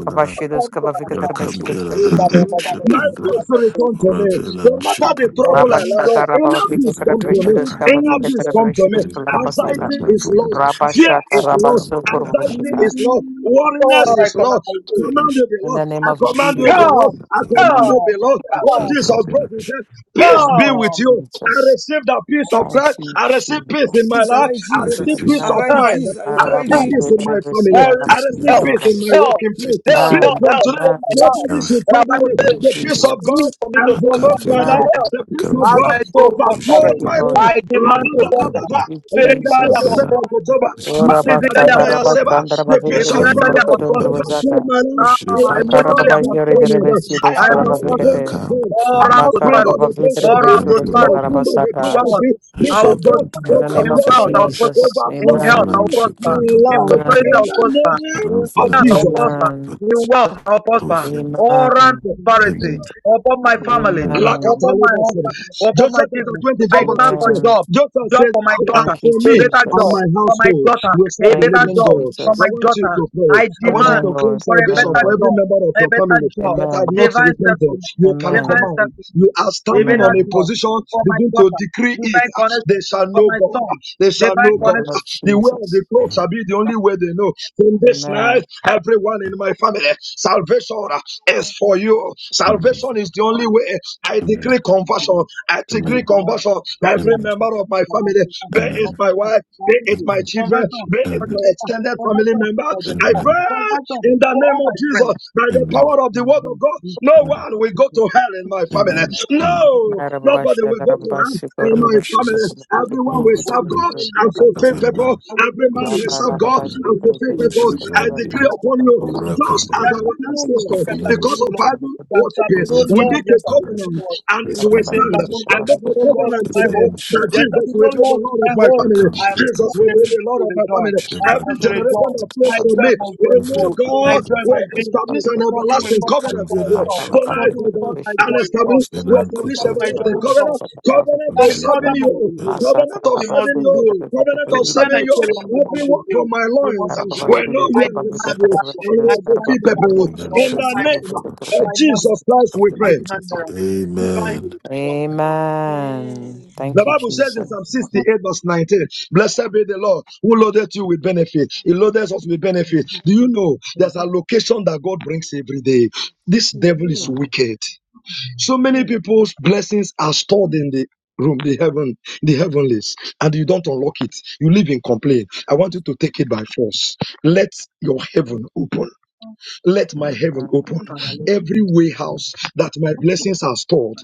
come to my heart. In Rakambira the name of My Jesus, Shipandura, peace Christ, I will pray. return to me. No Ravelan matter Thank the you, trouble Lord Shipandura, I Jesus. love, inner peace come to Thank Shipandura me. you, Inner Pakanas, peace Jesus. come to me. Kumzela Jesus. Anxiety is lost. Pakanas, Fear is lost. Shipam Pakanas, Anxiety is lost. Jesus. Worriness Lord, I is Fendra command lost. my way. Command Pakanas, you be lost. name I of command you be Jesus. lost. Come, Shipandura I come, command Pakanas, you Amen. be lost. What come, Jesus brought, he Akabinas, said, Peace Thank and be you, with come, Jesus. you. Thank you, I Jesus. receive the peace of come, Thank Christ. Jesus, you, I receive peace in Jesus. my Jesus, Jesus. life. arise, I I Jesus. receive receive peace, peace of Amen. Arise, come. mind. Jesus. I Arise, receive this peace, Jesus. peace in my family. I I this receive receive help, peace Arababashweterebesidalabasitarababa. in my peace, help, working place. help, this help, Peace peace, Amen. From help today, for my Amen. life. Sit nobody down. should But I might trouble Thank me. In the say, you, name of The peace you Jesus of Jesus. God need Christ. for me to cross that enveloped my door to Akavela. Amen. life. hell. The peace of God Akavela. Almighty Thank overflowed prosperous. you, my Lord. Ushivendo. life. I La demand da to da God da da Thank da. Ulakavela. you, spiritually I'm a Jesus. Akavela. prosper, Leketeketeketeketeba. Mariga Ushivendo. physically I'm dobra a ya Ulakavela. seba. prosper, The peace of Ikambra financially I'm God a prosper, kupalash. overflowed Orabashatarabasandarabavendrabeshmurukutundravasanda. my life. ah, I am Ushivendo. emotionally God's I'm a Ulakavela. prosper. instrument. I I am am an a prosper. Renvela offspring of Makarababazheredrebesidoskalabavekete. God. kambu All An round famba. offspring of the prosperity. Prince All of Peace. round Ushivendo. An offspring prosperity. of Ulakavela. the Prince Makarababavedrebesuruskadarabasata. of Wealth, Peace. Peace I will of God Ashevendo. prosper. In the name In of overflowed my wealth, I will life. Ulakavela. prosper. Jesus, In amen, health, I Ufalan will Overflowed my prosper. shivrendo. In life. prosperity, amen, In I will the Ulakavela. prosper. name In of finance, Ranvelan I will Jesus. shivrendo. prosper. amen, In Kupalash. wealth, I will prosper. Ufen. All round amen, prosperity Amen. upon my family, amen, upon my husband, upon my Joshua chapter children. I 24, verse demand for 15. amen. job, Joshua job says, for my "Ah, daughter, Thank you, For a me better and job my Jesus. for my household daughter, will serve a the Thank better you, living job God. for I my Jesus. want you daughter. to pray. I I want you Amen, to demand claim Lord. for a salvation Amen, better for Lord. every job, member of a your family better job, that have Amen. not divine repented. settlement You can divine Amen. command. settlement, You are a standing on better a Amen. job position, for my begin to daughter, decree it. divine They connection shall for know my God. son, They shall divine know In the God. name Amen. connection of The way of Jesus. the cross shall be the only way they know. From this night, Amen. everyone in my family, salvation is for you. Amen. Salvation is the only way. I Amen. decree for conversion. I decree Amen. my conversion. Every Amen. husband, member of my for my family, son, Amen. be for it Amen. my my wife, be it nephew, my children, conversion be Amen. it for Amen. my children, extended family conversion member, for them, I all, pray conversion in the for name all of my Jesus by the Amen. power of the word Amen. of God. No Amen. one will go to hell in my family. Amen. Amen. No, nobody will go to hell in my Lord family. Jesus. Everyone Oh, will good serve friend God and of friends. fulfill a people. man. There shall Every be Good man will serve shepherd. God and fulfill Good people. I shepherd. decree upon you Oh, just welcome. as our Good no ancestors, law, there shall be because no friendship. of law, idol there worship, shall be Oh, no good we law, friend make of there a shall be no others. covenant law. and Good it You will keep in shepherd. stand. my there I shall make be a no law in covenant Good my today home, that there shall Jesus be no will be law the friendship. in Lord of my my home. family. Welcome to I am the Jesus will be prepared finish. the Lord to of my rejoice. family. Shepherd I am Every also of generation rejoice. that flows My others. from joy me must be will Good know full. friend of My God joy will must others. be full. establish an Nothing will everlasting Good cut my covenant friend of with joy you. short. Tonight, others. Nothing oh will cut God, my and joy short. establish, we Zenan Nothing will establish cut Cooper my joy everlasting Williams, short. covenant, covenant My of mother serving must you, be healed. covenant of She must serving be you, healed. covenant of Christian, Amen. I serving you. tell you, you must be Everyone from healed. my You must loins be uh, healed. will know you I and will demand serve you miracle. and I will demand fulfill people. miracle. In Upon the my, name my of mother, Jesus Christ, we I pray. demand miracle. Divine healing upon me. Amen. The Thank you, Bible says in Jesus. Psalm 68, verse 19, Blessed be the Lord who loaded you with benefit. He loaded us with benefit. Do you know Mhm, there's a mhm, location that God brings every day? This devil is mhm, Mm, wicked. So many mhm, people's blessings are stored in the room, the heaven, the heavenlies, and you don't unlock it. You live in complaint. I want you to take it by force. Let your heaven mhm. open. Let my heaven mm, open. mm, Father, Lord, Every way mm. that my blessings are stored.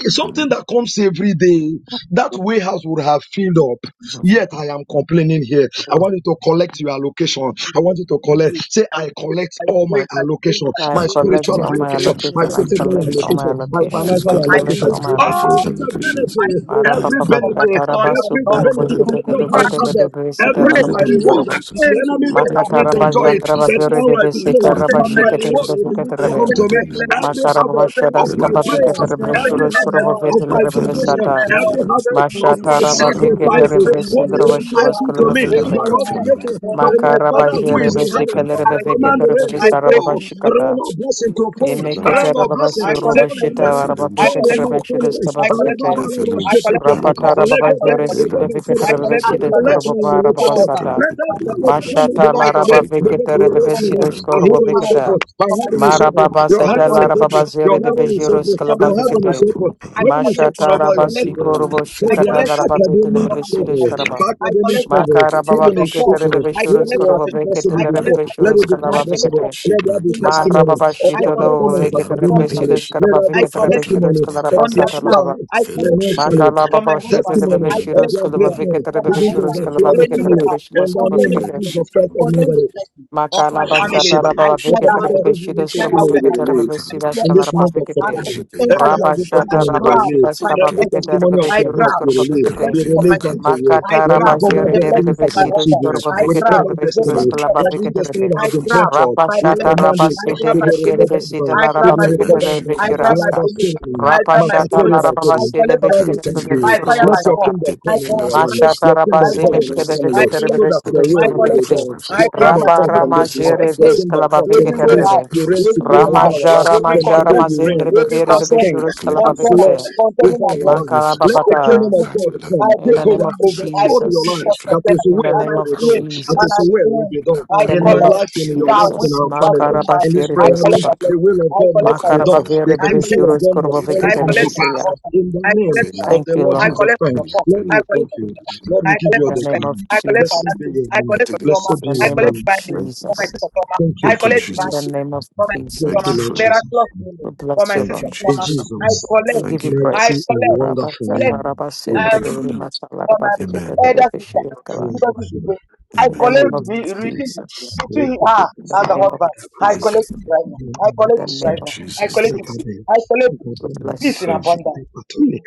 It's Something that comes every day, that warehouse would have filled up. Yet I am complaining here. I want you to collect your I allocation. I want you to collect. breathe, Say, I I collect all my breathe, I breathe, allocation, I I my I breathe, I create collect spiritual my all breathe, I my breathe, allocation, location, every Lord, my my allocation. day. I my spiritual physical The collect location, all salvation. same my allocation, my day. my Oh, allocation. your financial I physical word I says collect allocation. location, breathe all in my my every All day. allocation. financial Holy- the in- locations. I benefits, in breathe every I every day. call it, Command the benefit, thunder of every I call it benefit, Second the every of name God. of my Corinthians Jesus. 3 harvest. that I Ever of all call it my the things name breakthrough reward. have of been Jesus. given The into to enemy me. the don't I want house me call it to the I enjoy name of concerning it, Makatarabajandra possess but my Bavere Jesus. now de I I everything Bessica declare call it the concerning that my name my Rabashika of needed reward Jesus. will blessing, in my begin to I Telebevicatrabe. come call life. to it concerning the me. my name of I blessing, Every Jesus. harvest concerning of my Makarabashadaska my Belan joy, Bavikata prayers, possess every concerning Veshurus Shephem my everything harvest health, of needed Provovetil my in the Rafelan concerning name devotion, of my Rebesata. every health, Jesus. Kupilas, I harvest of possess my Mashatara usefulness. everything Shivan I Bavikata needed Bela sacrifices, break in the what is name Katilas, of every heart, entitled Jesus. Revesindrovashmaskula to me every Rafelan by Bavikata. heart, Everything Katilok, that ordination, was by concerning my given my to blessing, Father who Makarabajere is Rafelan the in heaven, blessings Besikal of Sipandan, I my me, command Rebevikata children. rain I to break fall, Lord, may it rain Revesarabashikata. of blessing it to Rafelan fall, be now, Emekata rain Rafelan of in blessing the I name of fall collect my in job. Jesus. my Rabasurovashita life Refilan I fall Arabavikata in collect for my Shifrank, my kids. family. Rebeshidiska I collect for Bavikate. rent. Rafelan I collect for Rabba-ba-ba-ba-shete-kete. them de four. Rapatara Sipandolas, I collect for de Babajuresk children. Velan Bavikata I de Kufan collect I to Reveshidisk better job. collect Velagas, my You Kurubavara don't have allocation. husband. Shibran Babasata. Let For my every job Kupalan for allocation children. Velas, that Mashata belongs I to me Laraba collect to Shivan begin to Vikata they Dura don't locate have me now. job. Rebesidisk Fekran My You don't heaven have is Kupilas, Kurubavakata. open. husband. My For my heaven kids for is Shivran open. children. Marababa Your I seta heaven is collect Dura larababa open. Your zere de bless heaven the is bejero love open. for my Your depends son heaven on is our skalabafikete. marriage. open. I compa. Heaven is collect open Mashata over your blessings Shibandura rabasiko for children. me. robo For I their shikata collect Kalsifeles, salvation larabavete academic for Mara my son lebebeshire favor, marriage. shkaraba. for I academic Compelavanish, collect favor, salvation for Makarababa heaven your is Kefeles, vikete boss. open. I rebebeshiro What collect Kankufeles, was skorobo salvation. vekete I impossible collect before, let lerebebeshiro it salvation. I become Fantrankupalavish, collect possible. skalabafikete. success Let there be in Shibrandura testimony academics. Marababa of I their shito Kanfeles, collect lobo success performance Fela vekete for my rebebeshire academically. children. Kupeles, Let shkaraba there I be vikete collect rebeshiro it testimony of skalaraba on their their sata Fantrankulakandash, behalf. lababa. pride I Felem collect the thing financially, Shikando, for my Makalababa shito husband. testimony I of lebebeshiro collect their it there Fantrankukanda, greatness. skalabafikete for my Begin to rebebeshiro husband. overflow the Shibrandura skalabafikete Anywhere family Kanda, else, rebebeshimo in the name concerning of my Kefelem life, Jesus Christ of Shibrandura concerning Nazareth. the Kanda, blessing of my Makala basha family. Sheba. tara I baba The tear vike that tere command Spankum. of house. bebe this I hanging shides tear ko that baba testimony vike be Shepard, warehouse tere you down. are bebe released. I shidas tear In kala it this vanquished. raba down. month of vike And te. He I September, should enter enter every there Raba the hanging and I shata village. testimony be raba grab shidas released. my ka baba Sandra Every vike blessing. tere testimony of bebe Pupamish. I your shides house grab ko be baba the released. vike te. Shukram Be blessing of Fila my released unto children. Kampi. you. I Makata We grab raba recover jere the dere blessing Afelande. destinies bebe of of my Clip. our shides husband. ko children. This baba I vike We month. grab recover the The shides destiny. blessing kala Sandra of baba my Kupa. Every vike children. tere Make destiny it that I have been breakfast. grab punctured, Raba my we shata blessing. Felan command raba it I Shikam sete grab to my be Dalaka. blessing. meshere de recovered by, sita I la to grab raba be my vike Felan promotion. recovered tere by I Shikun grab my shiraska. Rabba Kupamish. promotion. Syrian, I Raba grab my Take shata it by Makatere la promotion. by raba force. I Syrian. basele collect my Father, we Can't beshkele promotion. thank take it bebe by By you. force fire, Let by your vike force. kingdom take I my come in co- I finance our by life. collect force, it. Mashata Your I kingdom rabase take come my collect in it. our meshkebe blessings by I family vekete force, collect so rebebe it. that I your take I will my skuteskebe will be collect it. vekete. breakthroughs done. by I force, Your grab I my kingdom Rapa come take my from promotion. Rama this blessings night. I by Your force, break kingdom I come take from every my way today. breakthrough out. by Mashatarabazemeşkebeveketerebebeşkebeşkeberekete. You reign force, Raparamajerebeşkalabaveketerebebe. Every way supreme in the over name out. of our life. Jesus Every From Christ, I today container. you claim reign them by Every force, as container. king, I claim as them by Container. Lord Ramajaramajaramazenderebeberebebeşurushkalabavekete. force, I Containing over my claim our them blessing. by life. Let force, I the break Makalabavata. kingdom through of you. God Kafila, I come. In break Take the name through over, of you. Hakafila, I overthrow break your through Jesus. life. such That Shifrata, container. is In the where And name I will of be done. claim. Rakande, That And is I Jesus. where will claim. be done. I In Ilaka, the In name my of collect life, in your that life, Shivraku, which in Jesus. our is family, in Makaraba my. in this shere I prayer Kevila, collect room, deskaba. that blessing. the Shikaka, will of I God collect must my be done. Makaraba blessing. Kanfila, The vere I bebe Makarabasherebeskaba. collect counsel of God must I surely come to collect Kevila, from pass. Makarabaverebebeşuruskorbaveketelebesea. orphan. In the I name collect from the of Shikofela, Thank widow. the you, Lord I Kupala, Lord. Jesus collect from the Christ, poor. Lord, I Kevila, we collect thank from you. prisoner. Lord, Kupala, I we give In collect you all from the the stress. name of glory. I collect from Blessed Jesus. army. be your I name. I collect take from the trauma. praise In Blessed be the I your first. name collect of name. divine healing Thank you, for my Father. sister Jesus. trauma. Thank you I Thank for you, collect that. In divine the Jesus. healing name of for my sister Thank Thank trauma. you, you, Jesus, Lord Father. Jesus. Miraculous we healing for bless my you, Thank sister you, Lord. In trauma. Jesus. I Jesus' We collect. give Thank you you. I mighty praise. and collect. Rabba wonderful sata, Blessing. name, rabba we I Thank sindri, you, pray. bibiri, Father. redeem masala, for my rabba fikete, Amen. bebe, elder fishi, sister. yekala. Because this is Hallelujah. the way. I In the Amen. collect name of re- redeem Jesus, between her in the and the name of husband. I Thank you, collect Jesus, it Father. right now. I in collect the it right name of now. I Jesus. collect it. name. Jesus, I collect it. we Peace bless in you. Thank you. abundance. Peace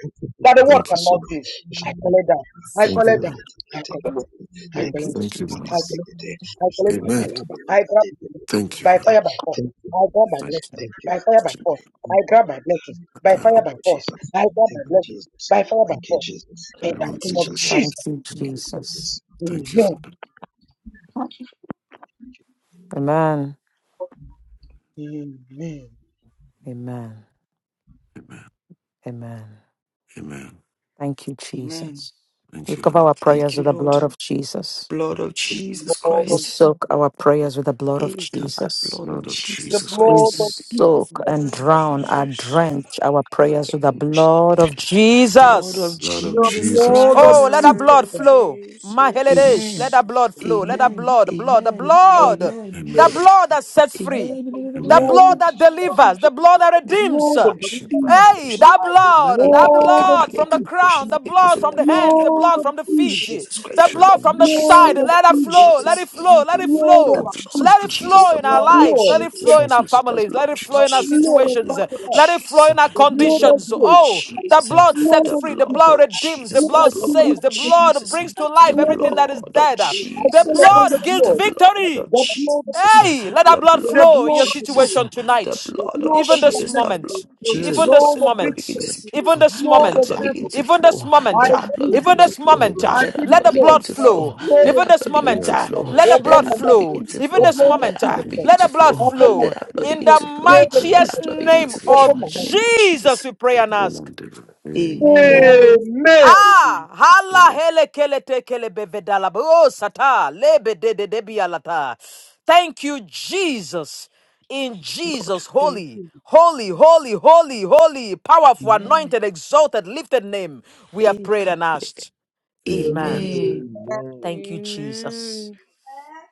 that the world Thank you. cannot Father. give. I collect that. I Thank Thank collect you, you, Amen. that. Father. Thank I you, collect. Lord. Father. I Thank you, Thank collect. you, that. Thank you, Lord. I Jesus. collect. I Father. collect my blessing. Amen. I grab my blessing. Thank you, by Father. fire by force. I grab my Thank blessing you. by fire by Jesus. force. I grab my blessings by Thank fire you, Thank by Lord you, Lord. force. Jesus. I grab my Thank In you, blessing Jesus. by fire by Thank you, force. Jesus. In the name the of Thank you, name of Jesus. Jesus. Thank Jesus. you, Thank you, Jesus. Jesus. Thank you, Amen. Father. Amen. Amen. Amen. Amen. Amen. Amen. Thank you, Amen. Jesus. Thank We you, cover Lord. our Thank prayers you, with Thank the Lord. blood of you, Jesus. Blood Lord of Jesus. Jesus Lord We of Christ. soak Jesus. our prayers with the blood of Eh, Kaba, Jesus. Blood of Lord of The Jesus Jesus We blood Christ. Christ. of Jesus. soak and drown our drench our prayers with the blood of Blood of Jesus. Lord of The Jesus Jesus blood of Oh, let Christ. our Christ. blood Jesus. flow. Mm. Maheledesh, let Amen. our blood flow. Let our Amen. blood, blood, the Amen. Lord. blood, Amen. the Lord. Amen. blood that sets free, Amen. the Amen. Lord. blood that delivers, the blood that redeems. Lord of Jesus Jesus, Hey, that blood, that Lord of blood from the Jesus, crown, the blood from the hands, the Lord blood of from the feet, Jesus, Jesus Christ, the the Lord, blood from the Jesus, the Lord side. of Lord, Let it Jesus, flow, let it Jesus. flow, let it Lord the of flow. blood of Let it Jesus, Christ. Jesus, flow the in our blood of lives, Lord let it Jesus, of flow the in our blood Jesus. Jesus, families, of let it flow Jesus. Jesus, Lord the of blood situations. of sacrifice, Let Jesus, the Lord blood of us, of faith, oh, the Jesus, blood Lord sets the of free, the blood Jesus, blood of redeems, the Jesus, Lord the blood of blood saves, of the Jesus, blood Jesus, brings to the life Lord of everything that is blood Jesus. of dead. I The call Jesus, upon the blood gives the blood, blood victory. of the blood of Jesus. Jesus, Hey, let that The blood the blood flow of in blood your of Jesus, Jesus, situation the tonight. blood of Lord of Even this Jesus, the salvation, blood of moment, Jesus. Hey. even So God, this Lord let of that blood victory, begin moment, to speak. even oh. this Let Lord that of moment, blood begin favor. to even this flow. I moment, Let that blood plead it, even begin Lord. to this flow. Hey, moment, I Let plead that let it, blood the Lord. begin blood to flow. flow. Lord Let Even of that this blood Jesus, begin moment, I to flow. feel I let the should be Let open blood my our mouth. blood flow. begin to Even The flow. this blood of moment, Let our Jesus blood feeling Christ. begin let to the prophet. blood flow. Open my flow. Let our blood spirit. In begin the to I Blood flow. of feel I Let our mightiest Jesus blood feel Christ. begin name to like I flow. should Open of be my In the mind. name of Jesus, Jesus. we pray and ask. one day. Amen. Hallelujah. Ima. Amen. Ah, hala Amen. hele kele te kele bevedala bo oh, sata lebe de de de bialata. Thank you, Jesus. In Thank you, Lord. Jesus, Thank holy, you. holy, holy, holy, holy, powerful, Amen. anointed, exalted, lifted name, we have Eh, prayed and asked. Amen. Amen. Amen. Thank Amen. you, Jesus.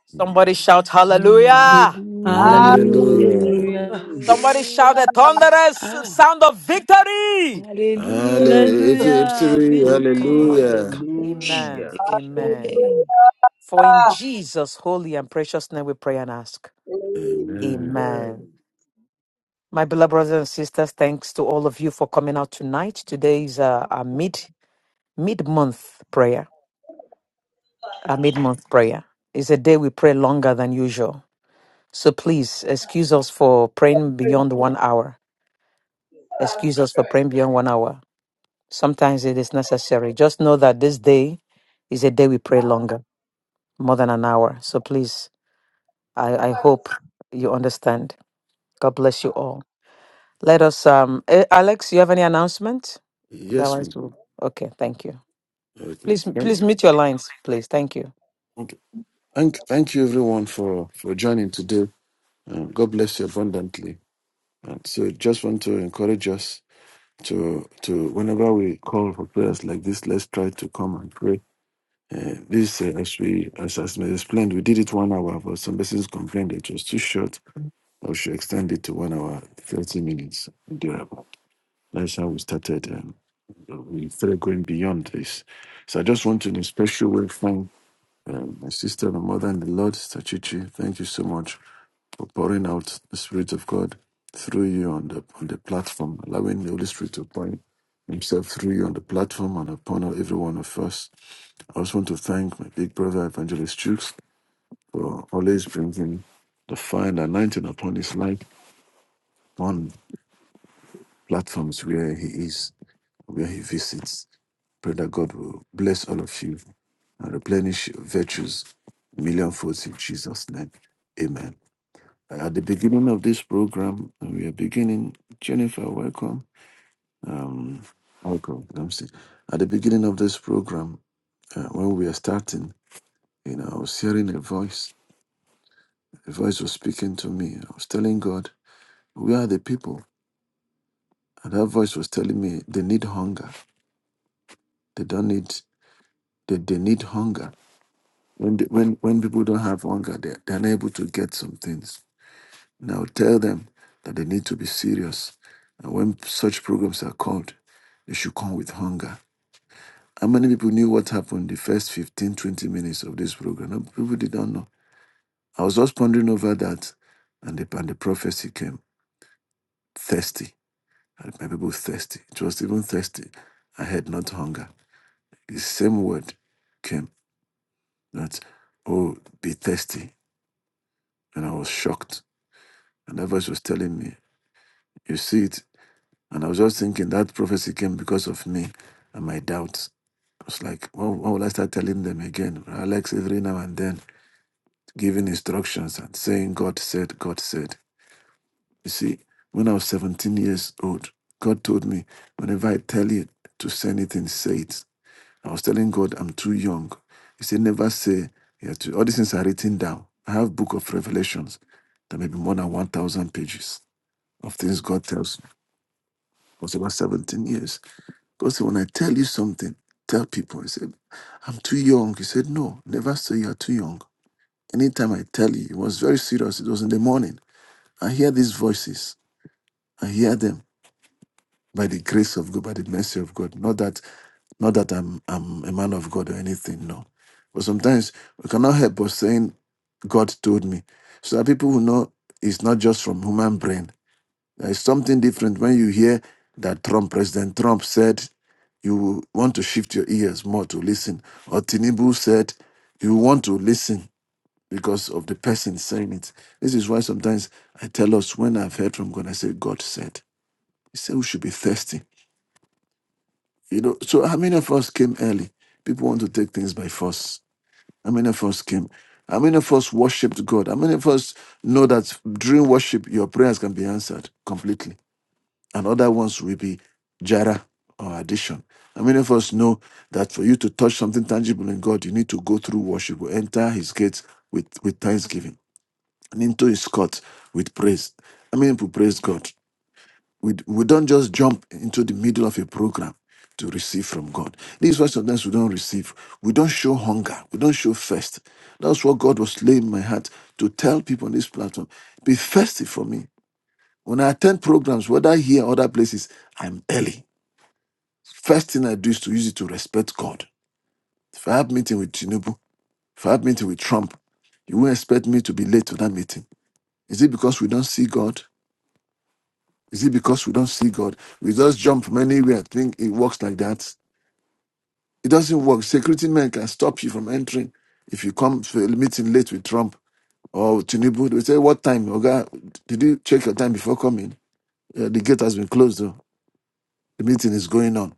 Somebody shout hallelujah. Hallelujah. Hallelujah. Hallelujah. Hallelujah. Hallelujah. Ah, hallelujah. Hallelujah. It's a Hallelujah. victory. Eh, Victory. kapaleka Hallelujah. bush. Hallelujah. Hallelujah. Leke. Amen. Amen. Amen. Amen. Longer than usual. So please excuse us for praying beyond one hour. Sarah Excuse us for praying beyond one hour. Sometimes it is necessary. Just know that this day is a day we pray longer, more than an hour. So please, I, I destroyed. hope you understand. God bless you all. Let us, um, eh, Alex, you have any announcement? That Yes, was ma'am. okay. Thank you. Okay. Please, Thank please mute your lines, please. Thank you. you. Thank, thank you everyone for, for joining today. Um, God bless you abundantly. And so just want to encourage us to, to whenever we call for prayers like this, let's try to come and pray. Uh, this, uh, as we, as, as I explained, we did it one hour, but some persons complained it was too short. I should extend it to one hour, 30 minutes, durable. That's how we started. Um, we started going beyond this. So I just want to, in a special way, thank um, my sister, my mother, and the Lord, Sister Chichi. Thank you so much for pouring out the Spirit of God through you on the on the platform, allowing the Holy Spirit to pour Himself through you on the platform and upon every one of us. I also want to thank my big brother Evangelist Jukes for always bringing the fire and anointing upon his life on platforms where he is, where he visits. Pray that God will bless all of you and replenish your virtues millionfold in Jesus' name. Amen. At the beginning of this program, we are beginning. Jennifer, welcome. Um, welcome. I'm still- At the beginning of this program, uh, when we are starting, you know, I was hearing a voice. A voice was speaking to me. I was telling God, "We are the people." And that voice was telling me they need hunger. They don't need. They, they need hunger. When they, when when people don't have hunger, they they're unable to get some things. Now tell them that they need to be serious. And when such programs are called, they should come with hunger. How many people knew what happened the first 15, 20 minutes of this program? No, people did not know. I was just pondering over that, and the, and the prophecy came thirsty. And my people thirsty. It was even thirsty. I had not hunger. The same word came that, oh, be thirsty. And I was shocked. And that voice was telling me, you see it And I was just thinking that prophecy came because of me and my doubts. I was like, well, why why will I start telling them again? Alex, every now and then, giving instructions and saying, God said, God said. You see, when I was 17 years old, God told me, whenever I tell you to say anything, say it. I was telling God, I'm too young. He said, never say, you have to, all these things are written down. I have book of revelations. There may be more than 1,000 pages of things God tells me. I was about 17 years. Because when I tell you something, tell people. He said, I'm too young. He said, No, never say you're too young. Anytime I tell you, it was very serious. It was in the morning. I hear these voices. I hear them by the grace of God, by the mercy of God. Not that, not that I'm I'm a man of God or anything, no. But sometimes we cannot help but saying, God told me. So that people will know it's not just from human brain There is something different when you hear that Trump, President Trump said, you want to shift your ears more to listen. Or Tinubu said, you want to listen because of the person saying it. This is why sometimes I tell us when I've heard from God, I say, God said. He said we should be thirsty. You know, so how many of us came early? People want to take things by force. How many of us came? How many of us worshipped God? How many of us know that during worship, your prayers can be answered completely? and other ones will be jara or addition. How many of us know that for you to touch something tangible in God, you need to go through worship, or enter His gates with, with thanksgiving and into His courts with praise? I mean, people praise God? We, we don't just jump into the middle of a program to receive from God. These is why sometimes we don't receive. We don't show hunger. We don't show thirst. That's what God was laying in my heart to tell people on this platform. Be thirsty for me. When I attend programs, whether here or other places, I'm early. First thing I do is to use it to respect God. If I have meeting with Tinubu, if I have meeting with Trump, you won't expect me to be late to that meeting. Is it because we don't see God? Is it because we don't see God? We just jump from anywhere, think it works like that. It doesn't work. Security men can stop you from entering if you come for a meeting late with Trump or Tinubu. They say, "What time, Oga? Did you check your time before coming? Uh, the gate has been closed. Though. The meeting is going on."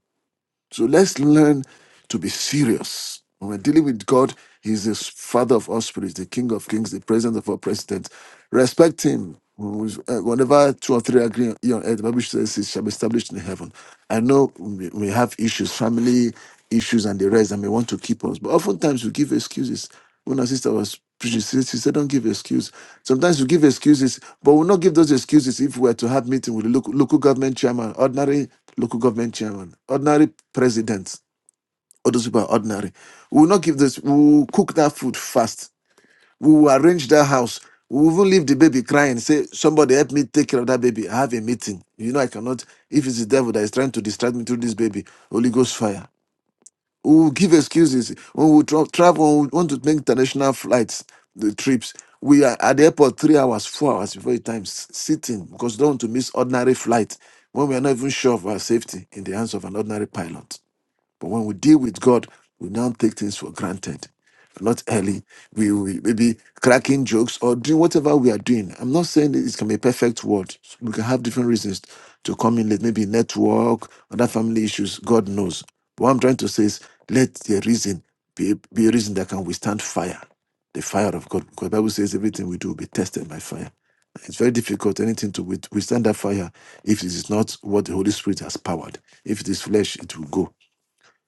So let's learn to be serious. When we're dealing with God, He's the Father of all spirits, the King of kings, the President of all presidents. Respect Him. uh, Whenever two or three agree on on earth, the Bible says it shall be established in heaven. I know we we have issues, family issues, and the rest, and we want to keep us. But oftentimes we give excuses. When our sister was preaching, she she said, Don't give excuses. Sometimes we give excuses, but we'll not give those excuses if we we're to have meeting with the local, local government chairman, ordinary local government chairman, ordinary president, or those people are ordinary. We will not give this, we will cook that food fast. We will arrange that house. We will even leave the baby crying. Say, somebody help me take care of that baby. I have a meeting. You know, I cannot. If it's the devil that is trying to distract me through this baby, Holy Ghost fire we will give excuses when we tra- travel we want to make international flights the trips we are at the airport three hours four hours before the time s- sitting because we don't want to miss ordinary flight when we are not even sure of our safety in the hands of an ordinary pilot but when we deal with God, we don't take things for granted. Not early, we we maybe cracking jokes or doing whatever we are doing. I'm not saying that it can be a perfect word. We can have different reasons to come in late, maybe network, other family issues. God knows. But what I'm trying to say is let the reason be, be a reason that can withstand fire, the fire of God. Because the Bible says everything we do will be tested by fire. It's very difficult anything to with- withstand that fire if it is not what the Holy Spirit has powered. If it is flesh, it will go.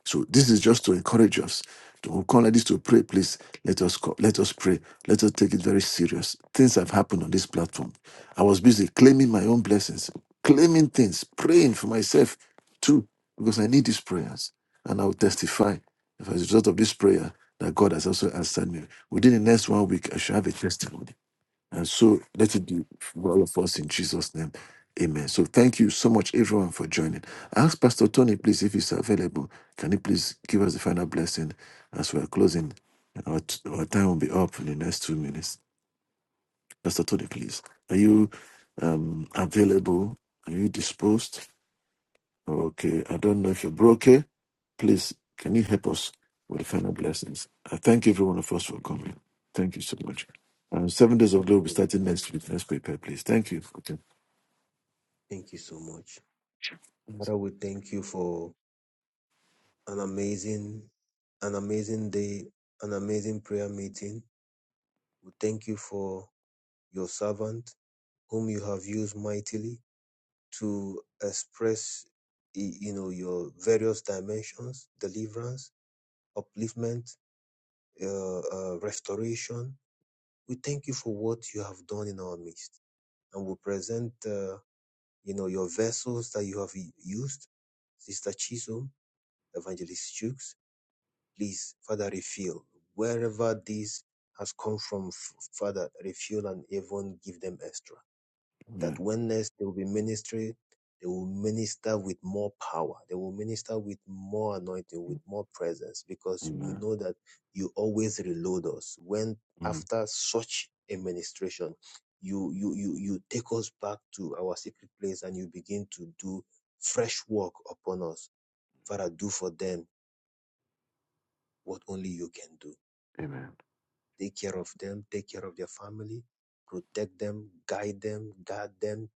So this is just to encourage us. To we'll like this to pray, please let us call, let us pray. Let us take it very serious. Things have happened on this platform. I was busy claiming my own blessings, claiming things, praying for myself too, because I need these prayers. And I will testify as a result of this prayer that God has also answered me. Within the next one week, I shall have a testimony and so let it be for all of us in Jesus' name. Amen. So thank you so much, everyone, for joining. I ask Pastor Tony, please, if he's available, can you please give us the final blessing as we're closing? And Our, t- our time will be up in the next two minutes. Pastor Tony, please. Are you um, available? Are you disposed? Okay. I don't know if you're broke. Please, can you help us with the final blessings? I thank every one of us for coming. Thank you so much. Uh, seven days of glory will be Okay. starting next week. Let's prepare, please. Thank you. Okay. Thank you so much. Father, we thank you for an amazing, an amazing day, an amazing prayer meeting. We thank you for your servant whom you have used mightily. to express y- you know your various dimensions deliverance upliftment uh, uh, restoration we thank you for what you have done in our midst and we present uh, you know your vessels that you have u- used sister chisholm evangelist Chooks, please father refill wherever this has come from F- father refill and even give them extra that Amen. when next they will be ministering, they will minister with more power. They will minister with more anointing, with more presence, because we Amen. know that you always reload us. When Mm. after such a ministration, you you you you take us back to our secret place and you begin to do fresh work upon us. Father, do for them what only you can do. Amen. Take care of them, take care of their family, protect them, guide them, guard them,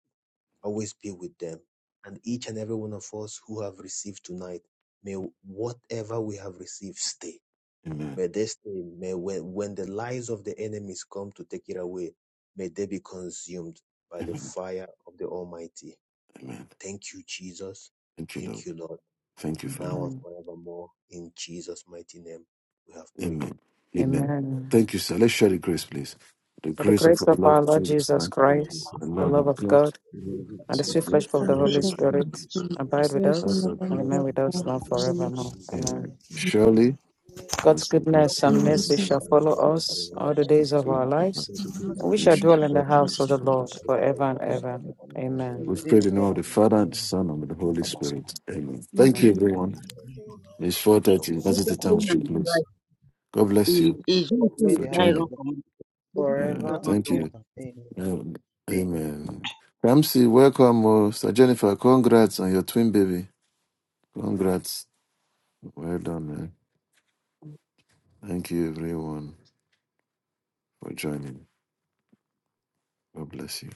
always be with them. And each and every one of us who have received tonight, may whatever we have received stay. Amen. May they stay. May when, when the lies of the enemies come to take it away, may they be consumed by the Amen. fire of the Almighty. Amen. Thank you, Jesus. Thank you, Thank Lord. you, Lord, Thank you, Father. now and Amen. forevermore. In Jesus' mighty name, we have prayed. Amen. Amen. Amen. Thank you, sir. Let's share the grace, please. The By the grace of grace our of our Lord Lord Jesus Jesus Christ, Lord Christ, the Jesus, the thank love you. love of of God, God. the We love and the you. and sweet the sweet sweet fellowship gift of of the the fellowship Holy Holy Fellowship of with the Spirit, Holy Spirit Spirit. abide rest the with rest and abide and us with us and abide Rest with remain in with the us us glory now of your now sons. forevermore. Lord, we Amen. thank Amen. you. Surely, God's God's goodness Cause and goodness mercy and goodness shall and follow mercy shall us all follow the us days of our lives, all the days and we of We shall should Yes, dwell in the our house recognize of the the Lord forever and Lord. ever. Amen. We've Be prayed with in the us name of the Lord. Father, and the Amen. Son, and the Holy Spirit. Amen. Thank you, Amen. lives. everyone. Thank It's you so much. 4.30. That is Nígbà the tí time ó we nà should nípa close. God bless you We ìṣòro are when the for house of joining. God Yeah, forever and thank you. ever. Amen. Yeah, Amen. Ramsey, welcome. Oh, Sir Jennifer, congrats on your twin baby. Congrats. Well done, man. Thank you, everyone, for joining. God bless you.